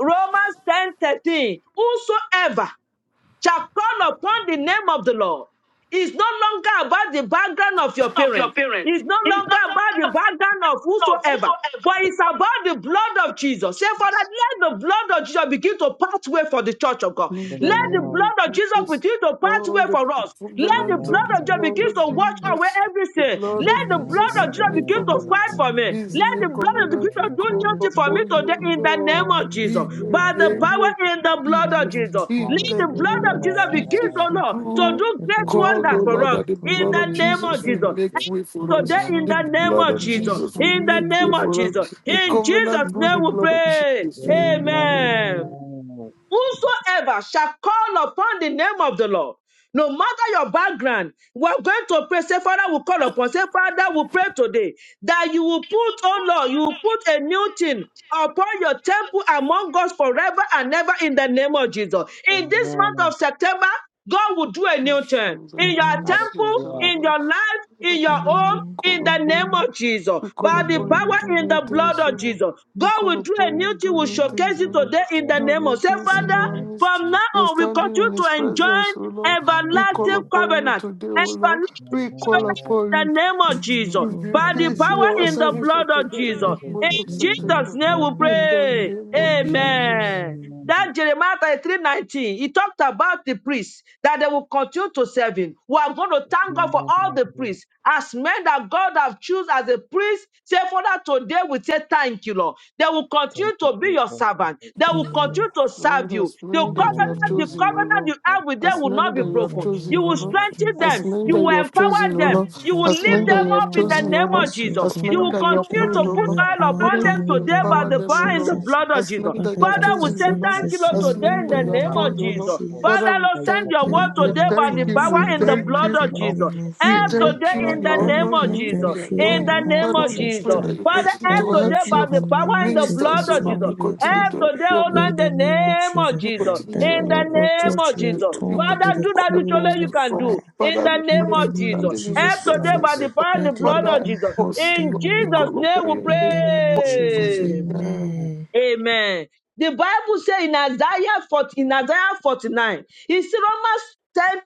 Speaker 1: Romans ten thirteen. Whosoever shall call upon the name of the Lord. It's no longer about the background of your parents. It's no longer about the background of whosoever. But it's about the blood of Jesus. Say, Father, let the blood of Jesus begin to pathway for the church of God.
Speaker 2: The
Speaker 5: In the
Speaker 1: Let the
Speaker 5: name
Speaker 2: Lord.
Speaker 5: of
Speaker 1: blood of Jesus
Speaker 5: Jesus,
Speaker 1: begin to pathway
Speaker 5: Lord, the
Speaker 1: for us. Let the
Speaker 5: covenant
Speaker 4: In
Speaker 5: of
Speaker 2: Amen.
Speaker 5: the
Speaker 4: the
Speaker 1: blood of
Speaker 2: Thank
Speaker 1: Jesus
Speaker 2: you,
Speaker 4: name
Speaker 5: blood
Speaker 4: of
Speaker 1: begin
Speaker 5: of
Speaker 1: to to
Speaker 2: Jesus.
Speaker 4: Jesus.
Speaker 1: wash away
Speaker 4: That
Speaker 5: Jesus, the
Speaker 1: everything.
Speaker 5: blood
Speaker 4: is
Speaker 1: Let
Speaker 5: of
Speaker 1: the
Speaker 4: not the
Speaker 2: Amen.
Speaker 1: blood
Speaker 5: Jesus
Speaker 1: of
Speaker 5: is
Speaker 4: church
Speaker 5: the
Speaker 1: Jesus
Speaker 4: of
Speaker 5: new
Speaker 1: begin to
Speaker 4: God.
Speaker 1: fight
Speaker 5: covenant.
Speaker 4: That
Speaker 2: Amen.
Speaker 1: for
Speaker 4: is
Speaker 1: me.
Speaker 4: not
Speaker 5: Is
Speaker 4: of
Speaker 5: the
Speaker 1: Let the
Speaker 5: new
Speaker 4: Jesus.
Speaker 1: blood of
Speaker 2: Thank
Speaker 1: Jesus
Speaker 5: covenant we
Speaker 1: do
Speaker 5: call
Speaker 1: new
Speaker 4: Jesus
Speaker 1: thing for me
Speaker 4: begin
Speaker 5: upon
Speaker 4: to
Speaker 1: today
Speaker 5: you,
Speaker 1: in
Speaker 4: come
Speaker 1: the
Speaker 2: you,
Speaker 4: for
Speaker 1: name
Speaker 5: Lord.
Speaker 4: me
Speaker 1: of
Speaker 2: Jesus.
Speaker 4: in the
Speaker 1: Jesus.
Speaker 5: In the
Speaker 4: name
Speaker 1: By
Speaker 4: of
Speaker 1: the
Speaker 2: Amen.
Speaker 4: Jesus.
Speaker 5: name
Speaker 1: power
Speaker 5: of
Speaker 1: in the blood
Speaker 4: That is
Speaker 1: of
Speaker 5: Jesus,
Speaker 4: by the
Speaker 1: Jesus.
Speaker 4: power
Speaker 5: in
Speaker 1: Let
Speaker 5: the
Speaker 1: the
Speaker 4: in the
Speaker 1: blood
Speaker 4: blood
Speaker 5: name
Speaker 1: of
Speaker 4: of
Speaker 5: of
Speaker 1: Jesus begin
Speaker 5: Jesus,
Speaker 4: Jesus.
Speaker 1: to,
Speaker 2: Hallelujah.
Speaker 4: Lord.
Speaker 1: Lord, to
Speaker 5: through
Speaker 1: do
Speaker 4: That
Speaker 5: we
Speaker 4: they
Speaker 1: great
Speaker 2: Thank you,
Speaker 4: will
Speaker 5: call,
Speaker 1: wonders
Speaker 5: O
Speaker 2: Jesus.
Speaker 4: pray,
Speaker 1: for
Speaker 5: Lord,
Speaker 1: us
Speaker 5: that
Speaker 4: Lord
Speaker 5: the
Speaker 1: in
Speaker 4: God,
Speaker 2: Thank
Speaker 5: blood
Speaker 2: you,
Speaker 4: in
Speaker 1: the
Speaker 4: the
Speaker 5: of
Speaker 4: name
Speaker 1: name
Speaker 2: Jesus.
Speaker 4: of
Speaker 5: Jesus
Speaker 1: of
Speaker 2: Thank
Speaker 5: will
Speaker 4: Jesus.
Speaker 1: Jesus.
Speaker 2: you,
Speaker 5: make
Speaker 2: Jesus.
Speaker 5: way
Speaker 4: May
Speaker 5: for
Speaker 4: your
Speaker 1: Today,
Speaker 5: us.
Speaker 1: in
Speaker 4: blood
Speaker 5: The
Speaker 1: the
Speaker 4: of us
Speaker 1: name
Speaker 2: Amen.
Speaker 5: blood
Speaker 1: of
Speaker 5: of
Speaker 4: only be
Speaker 1: Jesus,
Speaker 2: Amen.
Speaker 5: Jesus will
Speaker 1: in
Speaker 4: upon us
Speaker 1: the
Speaker 4: in
Speaker 5: make
Speaker 4: the
Speaker 5: way
Speaker 1: name of
Speaker 2: Thank
Speaker 5: for
Speaker 4: name
Speaker 5: us.
Speaker 4: of
Speaker 1: Jesus,
Speaker 2: you,
Speaker 4: Jesus.
Speaker 5: The
Speaker 1: in
Speaker 2: Jesus.
Speaker 5: covenant
Speaker 1: Jesus'
Speaker 4: In the
Speaker 5: through
Speaker 1: name
Speaker 5: the
Speaker 1: we
Speaker 4: name
Speaker 5: blood
Speaker 4: of
Speaker 5: of
Speaker 4: Jesus.
Speaker 1: pray.
Speaker 5: Jesus will make
Speaker 2: Amen.
Speaker 5: way.
Speaker 4: Amen.
Speaker 1: Amen. Whosoever shall call upon the name of the Lord, no matter your background, we are going to pray. Say, Father, we call upon. Say, Father, we pray today that you will put, oh Lord, you will put a new thing upon your temple among us forever and ever in the name of Jesus. In this month
Speaker 2: Amen.
Speaker 1: of September, God will do a new thing in your
Speaker 4: Amen.
Speaker 1: temple,
Speaker 2: Hallelujah.
Speaker 1: in
Speaker 5: Shandarabasikaraba.
Speaker 1: your life, in your
Speaker 5: Lord, we
Speaker 1: home
Speaker 4: Amen.
Speaker 5: call
Speaker 1: in the
Speaker 5: upon
Speaker 1: name
Speaker 4: Amen.
Speaker 5: you.
Speaker 1: of Jesus.
Speaker 5: We call
Speaker 1: By
Speaker 2: In the
Speaker 1: the
Speaker 5: upon
Speaker 2: name
Speaker 4: Amen.
Speaker 5: you,
Speaker 2: of the
Speaker 5: do
Speaker 1: power in
Speaker 5: new
Speaker 1: the blood
Speaker 5: things,
Speaker 2: Lord,
Speaker 5: O
Speaker 1: of
Speaker 5: Lord.
Speaker 1: Jesus.
Speaker 5: We
Speaker 1: God
Speaker 5: call
Speaker 1: will do a
Speaker 5: upon
Speaker 2: mighty
Speaker 5: you,
Speaker 1: new thing,
Speaker 5: do
Speaker 1: will
Speaker 5: new
Speaker 2: name of
Speaker 5: things,
Speaker 1: showcase
Speaker 5: O
Speaker 2: the
Speaker 1: it
Speaker 5: Lord.
Speaker 1: today in the
Speaker 5: Do
Speaker 2: Lord,
Speaker 1: name of
Speaker 5: new
Speaker 1: say,
Speaker 5: things in
Speaker 1: Father,
Speaker 5: our
Speaker 2: thank
Speaker 4: Amen.
Speaker 5: midst,
Speaker 1: from now
Speaker 2: you,
Speaker 5: in
Speaker 2: Jesus.
Speaker 1: on, we
Speaker 5: standing
Speaker 1: continue
Speaker 5: in His
Speaker 1: to enjoy
Speaker 5: presence, O Lord. We
Speaker 2: Amen.
Speaker 5: call
Speaker 1: everlasting
Speaker 2: Amen.
Speaker 5: upon you
Speaker 1: covenant.
Speaker 5: today, O Lord.
Speaker 1: Everlasting
Speaker 5: We call
Speaker 1: covenant in the
Speaker 5: upon you
Speaker 1: name of
Speaker 4: Let the Lord
Speaker 1: Jesus.
Speaker 5: to
Speaker 4: God
Speaker 5: do
Speaker 4: in
Speaker 1: By
Speaker 2: Thank
Speaker 4: the
Speaker 1: the
Speaker 2: you,
Speaker 5: things
Speaker 4: name
Speaker 5: in
Speaker 4: of
Speaker 2: Jesus.
Speaker 5: our
Speaker 1: power in the
Speaker 4: Jesus.
Speaker 5: service of
Speaker 1: blood of
Speaker 5: today in
Speaker 1: Jesus.
Speaker 2: Lord,
Speaker 4: Let
Speaker 5: this
Speaker 2: we
Speaker 4: him
Speaker 1: In
Speaker 5: month
Speaker 2: give you
Speaker 5: of
Speaker 4: continue to
Speaker 2: the
Speaker 1: Jesus'
Speaker 5: September.
Speaker 1: name
Speaker 4: repair
Speaker 1: we
Speaker 2: glory.
Speaker 4: your
Speaker 5: In the
Speaker 4: life.
Speaker 1: pray.
Speaker 5: name of
Speaker 2: Amen.
Speaker 5: Jesus.
Speaker 1: Amen.
Speaker 4: Amen.
Speaker 2: Amen.
Speaker 1: That Jeremiah 33 nineteen, he talked about the priests that they will continue to serve him. We are going to thank God for all
Speaker 2: Amen.
Speaker 1: the priests as men that God have chosen as a priest. Say, Father, today we say thank you, Lord. They will
Speaker 2: Thank
Speaker 1: continue
Speaker 2: you,
Speaker 1: to be
Speaker 2: Jesus.
Speaker 1: your
Speaker 2: Thank
Speaker 1: servant,
Speaker 2: you,
Speaker 1: they
Speaker 2: thank
Speaker 1: will
Speaker 2: you, Lord.
Speaker 4: Amen.
Speaker 1: continue to
Speaker 5: Lord,
Speaker 1: serve you.
Speaker 5: as
Speaker 1: The
Speaker 5: many that you have
Speaker 1: covenant,
Speaker 2: Amen.
Speaker 4: Amen.
Speaker 1: the
Speaker 2: Thank
Speaker 5: chosen, O
Speaker 2: you,
Speaker 1: covenant
Speaker 5: Lord,
Speaker 1: you
Speaker 2: Lord.
Speaker 1: have with them
Speaker 5: as
Speaker 1: will
Speaker 5: many
Speaker 1: not be
Speaker 5: that you
Speaker 4: In
Speaker 5: have
Speaker 4: the
Speaker 1: broken. You
Speaker 5: chosen, O
Speaker 1: will
Speaker 4: name of
Speaker 5: Lord,
Speaker 2: Lord,
Speaker 1: strengthen
Speaker 4: Jesus,
Speaker 5: as
Speaker 2: Lord,
Speaker 1: them,
Speaker 5: many
Speaker 1: you
Speaker 5: that
Speaker 4: Lord.
Speaker 1: will
Speaker 5: you have
Speaker 2: thank you,
Speaker 5: chosen,
Speaker 1: empower
Speaker 5: O
Speaker 4: Let
Speaker 2: thank
Speaker 1: them,
Speaker 5: Lord,
Speaker 4: it
Speaker 2: you,
Speaker 1: you
Speaker 4: for
Speaker 1: will
Speaker 5: as
Speaker 1: lift
Speaker 2: thank
Speaker 5: many that
Speaker 1: them
Speaker 5: you have
Speaker 1: up in
Speaker 4: all
Speaker 1: the
Speaker 4: our
Speaker 5: chosen, O
Speaker 1: name
Speaker 5: Lord,
Speaker 1: of
Speaker 4: praise,
Speaker 2: you.
Speaker 4: O
Speaker 1: Jesus.
Speaker 5: as
Speaker 4: God.
Speaker 1: You
Speaker 5: many
Speaker 1: will
Speaker 5: that you have
Speaker 1: continue
Speaker 5: called,
Speaker 4: That
Speaker 1: to
Speaker 5: O
Speaker 4: you
Speaker 1: put
Speaker 5: Lord,
Speaker 2: Thank
Speaker 1: oil
Speaker 2: you, thank
Speaker 4: empower
Speaker 5: Father,
Speaker 1: upon
Speaker 5: you
Speaker 1: them
Speaker 2: you.
Speaker 4: them
Speaker 5: will
Speaker 4: in the
Speaker 1: today by
Speaker 4: name
Speaker 5: empower
Speaker 1: the
Speaker 4: of
Speaker 5: them, O
Speaker 1: power in
Speaker 5: Lord,
Speaker 1: the
Speaker 2: out
Speaker 4: Jesus.
Speaker 2: in
Speaker 1: blood
Speaker 2: the
Speaker 1: of Jesus of
Speaker 5: as
Speaker 2: place,
Speaker 1: Jesus.
Speaker 5: many that
Speaker 4: Father,
Speaker 5: you
Speaker 4: they
Speaker 5: have
Speaker 2: Lord.
Speaker 4: will
Speaker 1: Father, we
Speaker 5: chosen,
Speaker 1: say
Speaker 5: O
Speaker 4: continue
Speaker 5: Lord,
Speaker 4: to
Speaker 1: thank
Speaker 2: Thank
Speaker 1: you,
Speaker 2: you
Speaker 1: Lord,
Speaker 5: as
Speaker 2: Jesus,
Speaker 4: serve
Speaker 1: today
Speaker 4: you
Speaker 5: many
Speaker 1: in
Speaker 2: for
Speaker 5: that
Speaker 1: the
Speaker 2: people
Speaker 5: you
Speaker 4: in the
Speaker 5: have
Speaker 1: name
Speaker 2: our
Speaker 1: of
Speaker 5: called, O
Speaker 4: name of
Speaker 5: Lord,
Speaker 1: Jesus.
Speaker 2: people.
Speaker 4: Jesus.
Speaker 5: Father,
Speaker 1: Father,
Speaker 5: we
Speaker 1: Lord,
Speaker 2: Thank you
Speaker 1: send
Speaker 2: for
Speaker 5: thank
Speaker 1: your
Speaker 2: please
Speaker 5: you,
Speaker 1: word
Speaker 4: Daddy
Speaker 5: we
Speaker 1: today
Speaker 4: will
Speaker 1: by
Speaker 2: the
Speaker 5: thank
Speaker 1: the
Speaker 4: go
Speaker 5: you, we
Speaker 1: power
Speaker 4: send
Speaker 1: in
Speaker 2: people
Speaker 4: your
Speaker 1: the
Speaker 2: that
Speaker 5: thank
Speaker 1: blood
Speaker 4: word
Speaker 5: you,
Speaker 1: of
Speaker 4: in
Speaker 2: the
Speaker 4: the
Speaker 1: Jesus.
Speaker 4: name
Speaker 2: object
Speaker 4: of
Speaker 5: we
Speaker 1: Help
Speaker 2: came, O
Speaker 4: Jesus.
Speaker 5: thank you,
Speaker 1: today in
Speaker 5: we
Speaker 1: the
Speaker 2: Lord.
Speaker 4: Daddy,
Speaker 5: honor
Speaker 1: name of
Speaker 4: help
Speaker 5: you,
Speaker 2: Thank
Speaker 4: them,
Speaker 1: Jesus.
Speaker 5: we
Speaker 2: you for the
Speaker 4: fill
Speaker 5: adore
Speaker 1: In
Speaker 4: them
Speaker 1: the
Speaker 5: you,
Speaker 4: up
Speaker 1: name
Speaker 5: Father,
Speaker 1: of
Speaker 4: with
Speaker 2: that are
Speaker 4: your
Speaker 5: we
Speaker 2: out
Speaker 5: pray
Speaker 1: Jesus.
Speaker 5: that
Speaker 4: strength.
Speaker 5: you
Speaker 2: in
Speaker 1: Father,
Speaker 5: continue
Speaker 2: Lord.
Speaker 1: help
Speaker 5: to
Speaker 4: Daddy,
Speaker 5: help
Speaker 1: today
Speaker 4: let
Speaker 1: by
Speaker 4: your
Speaker 5: your
Speaker 2: Thank
Speaker 1: the
Speaker 2: you Jesus,
Speaker 1: power in the
Speaker 4: anointing
Speaker 2: for
Speaker 1: blood
Speaker 5: ministers,
Speaker 2: the people that
Speaker 5: O
Speaker 1: of
Speaker 2: are not
Speaker 5: Lord,
Speaker 1: Jesus.
Speaker 4: continually
Speaker 2: in
Speaker 5: you
Speaker 2: the Lord.
Speaker 4: be
Speaker 5: continue
Speaker 4: upon
Speaker 1: Help
Speaker 5: to
Speaker 4: them
Speaker 5: help
Speaker 1: today,
Speaker 5: your
Speaker 1: oh
Speaker 2: Thank
Speaker 5: ministers.
Speaker 1: Lord,
Speaker 4: in
Speaker 1: in
Speaker 4: the
Speaker 1: the
Speaker 4: name of
Speaker 1: name of
Speaker 4: Jesus.
Speaker 5: You
Speaker 1: Jesus.
Speaker 5: continue to
Speaker 4: Daddy,
Speaker 1: In
Speaker 5: help
Speaker 2: you
Speaker 1: the
Speaker 2: Jesus,
Speaker 4: Lord
Speaker 2: for
Speaker 4: God,
Speaker 5: us.
Speaker 1: name
Speaker 4: touch
Speaker 1: of
Speaker 4: their
Speaker 1: Jesus.
Speaker 5: You
Speaker 4: tongue with
Speaker 1: Father,
Speaker 5: continue
Speaker 4: the
Speaker 1: do
Speaker 5: to
Speaker 1: that which
Speaker 5: help us.
Speaker 1: only
Speaker 4: cool
Speaker 1: you
Speaker 5: O
Speaker 4: of
Speaker 1: can
Speaker 5: Lord.
Speaker 1: do.
Speaker 4: fire
Speaker 1: In
Speaker 5: Father,
Speaker 1: the
Speaker 5: we
Speaker 2: children
Speaker 4: in
Speaker 1: name
Speaker 5: pray
Speaker 4: the
Speaker 5: for
Speaker 1: of
Speaker 2: and
Speaker 4: name of
Speaker 1: Jesus.
Speaker 5: standing in His
Speaker 1: Help
Speaker 4: Jesus,
Speaker 2: all
Speaker 1: today
Speaker 2: of
Speaker 4: Lord.
Speaker 1: by
Speaker 5: presence. O
Speaker 1: the
Speaker 2: them. Lord.
Speaker 5: Lord.
Speaker 1: power and the
Speaker 4: Daddy,
Speaker 2: Thank
Speaker 1: blood
Speaker 4: Lord
Speaker 2: you for
Speaker 1: of
Speaker 5: Father,
Speaker 4: God,
Speaker 1: Jesus.
Speaker 5: help
Speaker 4: help
Speaker 5: us.
Speaker 1: In
Speaker 5: Lord,
Speaker 4: them,
Speaker 5: we
Speaker 4: Lord.
Speaker 1: Jesus'
Speaker 5: call
Speaker 1: name
Speaker 5: upon
Speaker 1: we
Speaker 5: Your
Speaker 4: In
Speaker 5: name.
Speaker 4: the name of
Speaker 5: Help us,
Speaker 2: Amen.
Speaker 5: Lord.
Speaker 4: Jesus,
Speaker 2: Thank
Speaker 1: pray.
Speaker 5: Amen.
Speaker 4: amen.
Speaker 1: Amen. The Bible says in Isaiah 40, in Isaiah 49, in Romans 10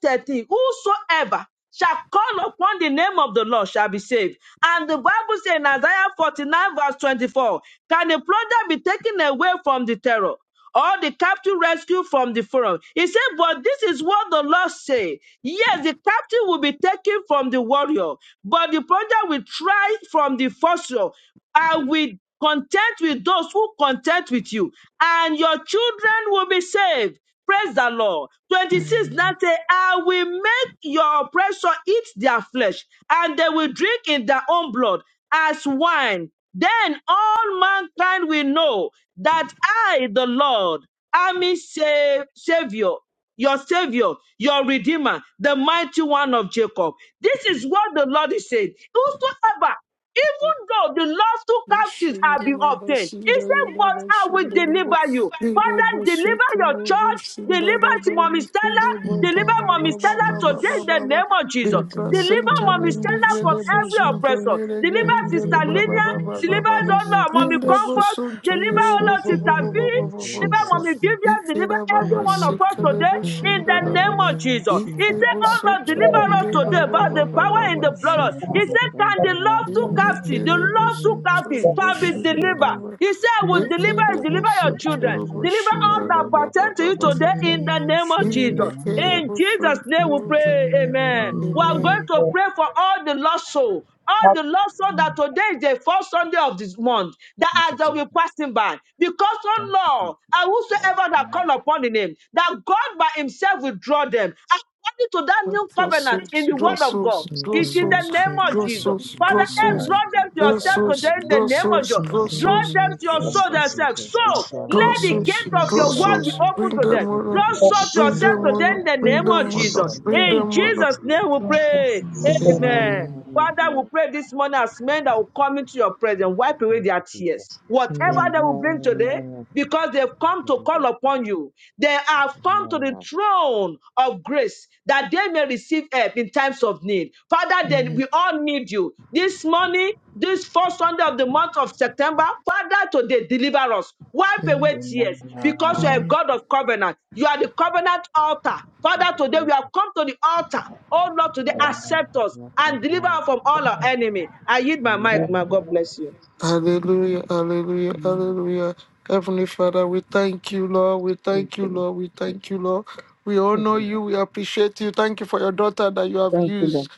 Speaker 1: thirteen, whosoever shall call upon the name of the Lord shall be saved. And the Bible says in Isaiah 49, verse 24, can a plunder be taken away from the terror? Or the captive rescued from the forum. He said, But this is what the Lord say. Yes, the captive will be taken from the warrior, but the plunder will try from the fossil. I will. Content with those who content with you, and your children will be saved. Praise the Lord. 26 Now
Speaker 4: Hallelujah.
Speaker 1: say, I will make your oppressor eat their flesh, and they will drink in their own blood as wine. Then all mankind will know that I, the Lord, am his sa- Savior your savior, your redeemer, the mighty one of Jacob. This is what the Lord is saying. Whosoever, even though the lost two captives
Speaker 5: Ikere
Speaker 1: have been
Speaker 5: baba
Speaker 1: obtained, he said, But I will deliver you. Father, deliver your church, deliver to Mommy Stella,
Speaker 4: In the
Speaker 1: deliver
Speaker 4: name
Speaker 1: Mommy
Speaker 4: of
Speaker 1: Stella today
Speaker 4: Jesus,
Speaker 1: in the name of Jesus.
Speaker 4: that the Lord
Speaker 1: Deliver
Speaker 4: God in the
Speaker 1: Mommy
Speaker 4: name of
Speaker 1: Stella from
Speaker 4: Jesus,
Speaker 1: every
Speaker 4: Lord,
Speaker 1: oppressor.
Speaker 4: that
Speaker 1: Deliver
Speaker 4: He
Speaker 1: Sister
Speaker 4: deliver
Speaker 1: Lydia,
Speaker 4: us from
Speaker 1: deliver
Speaker 4: every
Speaker 1: all of Mommy
Speaker 4: professor,
Speaker 1: Comfort, deliver all
Speaker 4: professor
Speaker 1: of
Speaker 4: in
Speaker 1: Sister
Speaker 4: the
Speaker 1: B,
Speaker 4: name
Speaker 2: you,
Speaker 4: of
Speaker 1: Deliver,
Speaker 2: Jesus.
Speaker 1: mommy,
Speaker 4: Jesus,
Speaker 1: give
Speaker 4: Lord.
Speaker 1: you deliver every
Speaker 4: That the
Speaker 2: Thank
Speaker 1: one of
Speaker 2: you,
Speaker 4: Lord
Speaker 1: us
Speaker 5: sikere
Speaker 4: God
Speaker 1: today
Speaker 2: Jesus.
Speaker 1: in
Speaker 4: in
Speaker 1: the
Speaker 4: the
Speaker 5: boshindara bo.
Speaker 2: Amen.
Speaker 1: name of
Speaker 4: name of
Speaker 1: Jesus. He
Speaker 5: Ikre
Speaker 2: Thank
Speaker 4: Jesus,
Speaker 1: said,
Speaker 2: you,
Speaker 1: Oh Lord,
Speaker 2: Jesus.
Speaker 5: bosoto
Speaker 1: deliver us
Speaker 5: ninde
Speaker 4: Father,
Speaker 1: today
Speaker 4: Lord
Speaker 5: baba
Speaker 4: God
Speaker 1: by the
Speaker 4: in
Speaker 5: baba
Speaker 4: the
Speaker 1: power
Speaker 2: Thank
Speaker 1: in
Speaker 5: baba.
Speaker 4: name
Speaker 1: the
Speaker 2: you,
Speaker 4: of
Speaker 1: blood.
Speaker 2: Jesus.
Speaker 1: He
Speaker 4: Jesus,
Speaker 1: said,
Speaker 4: Lord.
Speaker 1: Can
Speaker 2: Thank
Speaker 1: the
Speaker 5: Amen. Draw souls, draw souls, draw
Speaker 1: love to
Speaker 4: Lord God
Speaker 1: captive, the
Speaker 4: in the
Speaker 1: love to
Speaker 4: name of
Speaker 1: captive can be
Speaker 4: Jesus,
Speaker 5: souls,
Speaker 4: Lord.
Speaker 5: draw
Speaker 1: delivered? He said, I
Speaker 5: souls,
Speaker 1: will
Speaker 4: That the
Speaker 1: deliver,
Speaker 4: Lord
Speaker 5: draw souls, draw
Speaker 1: deliver
Speaker 4: God
Speaker 1: your
Speaker 4: in the
Speaker 5: souls,
Speaker 2: you,
Speaker 1: children,
Speaker 4: name
Speaker 2: Jesus.
Speaker 4: of
Speaker 1: deliver
Speaker 4: Jesus,
Speaker 1: all that
Speaker 2: Hallelujah. Amen.
Speaker 1: pertain to you
Speaker 4: in
Speaker 1: today
Speaker 4: the
Speaker 1: in the
Speaker 4: name of
Speaker 1: name of
Speaker 4: Jesus,
Speaker 1: Jesus.
Speaker 4: Lord.
Speaker 1: In Jesus' name
Speaker 4: That
Speaker 1: we
Speaker 4: the
Speaker 1: pray,
Speaker 4: deliver
Speaker 2: Lord, bless
Speaker 4: the
Speaker 1: amen. We are
Speaker 2: you.
Speaker 4: Amen.
Speaker 1: going to pray for all the lost souls all the Lord so that today is the first Sunday of this month,
Speaker 2: Thank
Speaker 1: that
Speaker 2: you,
Speaker 1: as they
Speaker 2: Jesus.
Speaker 1: will be passing by, because,
Speaker 2: Thank
Speaker 1: oh Lord, and whosoever that call upon the name, that God by himself will draw them according to that new covenant in the word of God.
Speaker 4: In the
Speaker 1: It's in
Speaker 4: name
Speaker 1: the
Speaker 4: of
Speaker 1: name of
Speaker 4: Jesus.
Speaker 1: Jesus. Father, help
Speaker 4: Mm.
Speaker 6: Thank
Speaker 1: draw
Speaker 6: you,
Speaker 1: them to
Speaker 5: draw
Speaker 6: Father.
Speaker 1: yourself
Speaker 6: We
Speaker 5: souls,
Speaker 1: today
Speaker 6: thank
Speaker 1: in
Speaker 6: you.
Speaker 1: the
Speaker 6: We
Speaker 1: name of Jesus.
Speaker 6: bless your
Speaker 4: In
Speaker 5: draw
Speaker 6: holy
Speaker 4: the
Speaker 1: Draw
Speaker 6: name.
Speaker 5: souls,
Speaker 4: name
Speaker 1: them to
Speaker 4: of
Speaker 1: your
Speaker 6: We ask,
Speaker 1: soul
Speaker 6: O
Speaker 4: Jesus.
Speaker 6: God,
Speaker 1: themselves.
Speaker 6: Jehovah,
Speaker 1: So
Speaker 6: Father,
Speaker 5: draw
Speaker 4: In
Speaker 2: you,
Speaker 1: let
Speaker 6: the
Speaker 1: the
Speaker 6: Lord,
Speaker 4: the
Speaker 6: you
Speaker 5: souls,
Speaker 4: name of
Speaker 1: gate
Speaker 6: will
Speaker 1: of
Speaker 4: God,
Speaker 1: your
Speaker 5: draw
Speaker 4: in
Speaker 2: Jesus.
Speaker 4: the
Speaker 6: shut
Speaker 1: word
Speaker 6: the
Speaker 1: be
Speaker 5: souls.
Speaker 4: name
Speaker 6: mouth
Speaker 4: of
Speaker 6: of
Speaker 1: open
Speaker 5: Bring
Speaker 1: to
Speaker 6: lion.
Speaker 1: them.
Speaker 5: them
Speaker 4: Jesus.
Speaker 2: Open the
Speaker 5: on
Speaker 1: Draw
Speaker 5: up,
Speaker 6: You will
Speaker 2: eyes
Speaker 1: soul to
Speaker 6: shut
Speaker 5: bring
Speaker 2: and
Speaker 4: In
Speaker 1: yourself
Speaker 6: the
Speaker 5: them
Speaker 6: gate
Speaker 2: learn
Speaker 1: today
Speaker 6: of
Speaker 5: on up,
Speaker 1: in
Speaker 2: that
Speaker 1: the
Speaker 6: hell.
Speaker 4: the
Speaker 5: bring
Speaker 4: name
Speaker 1: name
Speaker 4: of
Speaker 6: You
Speaker 1: of
Speaker 6: will
Speaker 5: them on
Speaker 1: Jesus.
Speaker 5: up,
Speaker 4: Jesus.
Speaker 6: shut
Speaker 2: infinity
Speaker 5: bring
Speaker 6: them
Speaker 1: In
Speaker 2: and
Speaker 5: them
Speaker 6: down
Speaker 5: on
Speaker 6: in
Speaker 5: up.
Speaker 6: the
Speaker 1: Jesus'
Speaker 2: cosmos.
Speaker 6: name
Speaker 1: name we
Speaker 6: of
Speaker 1: pray.
Speaker 6: Jesus.
Speaker 5: Amen.
Speaker 1: Amen.
Speaker 4: Amen.
Speaker 6: Amen.
Speaker 1: Father, we
Speaker 2: Amen.
Speaker 1: pray this morning as men that will come into your presence, wipe away
Speaker 2: Thank
Speaker 1: their
Speaker 2: you, Jesus.
Speaker 1: tears. Whatever
Speaker 4: Amen.
Speaker 2: Amen.
Speaker 1: they will bring today, because they've
Speaker 2: Thank
Speaker 1: come
Speaker 2: you,
Speaker 1: to call
Speaker 2: Jesus.
Speaker 1: upon you, they have
Speaker 2: Amen.
Speaker 1: come to the
Speaker 2: Amen.
Speaker 1: throne of grace that they may receive help in times of need. Father, then
Speaker 4: Amen.
Speaker 1: we all need you. This morning, this first Sunday of the month of September, Father, today deliver us. Wipe
Speaker 4: Amen.
Speaker 1: away
Speaker 2: Amen.
Speaker 1: tears because you are a
Speaker 4: Amen.
Speaker 1: God of covenant. You are the covenant altar. Father,
Speaker 2: Thank you,
Speaker 1: today we have
Speaker 2: Jesus.
Speaker 1: come to the altar. Oh Lord, today
Speaker 2: Amen.
Speaker 1: accept us and deliver us
Speaker 2: Amen.
Speaker 1: from all our enemy. I yield my
Speaker 2: Amen.
Speaker 1: mic, my God bless you.
Speaker 5: Hallelujah, hallelujah, hallelujah. Heavenly Father, we thank you, Lord. We thank you,
Speaker 1: Amen.
Speaker 5: Lord. We thank you, Lord. We
Speaker 1: Thank
Speaker 5: honor
Speaker 1: you,
Speaker 5: you.
Speaker 2: Hallelujah.
Speaker 5: We appreciate you. Thank you for your daughter that you
Speaker 1: Lord.
Speaker 5: have
Speaker 1: Thank you. Thank you, Lord.
Speaker 5: used.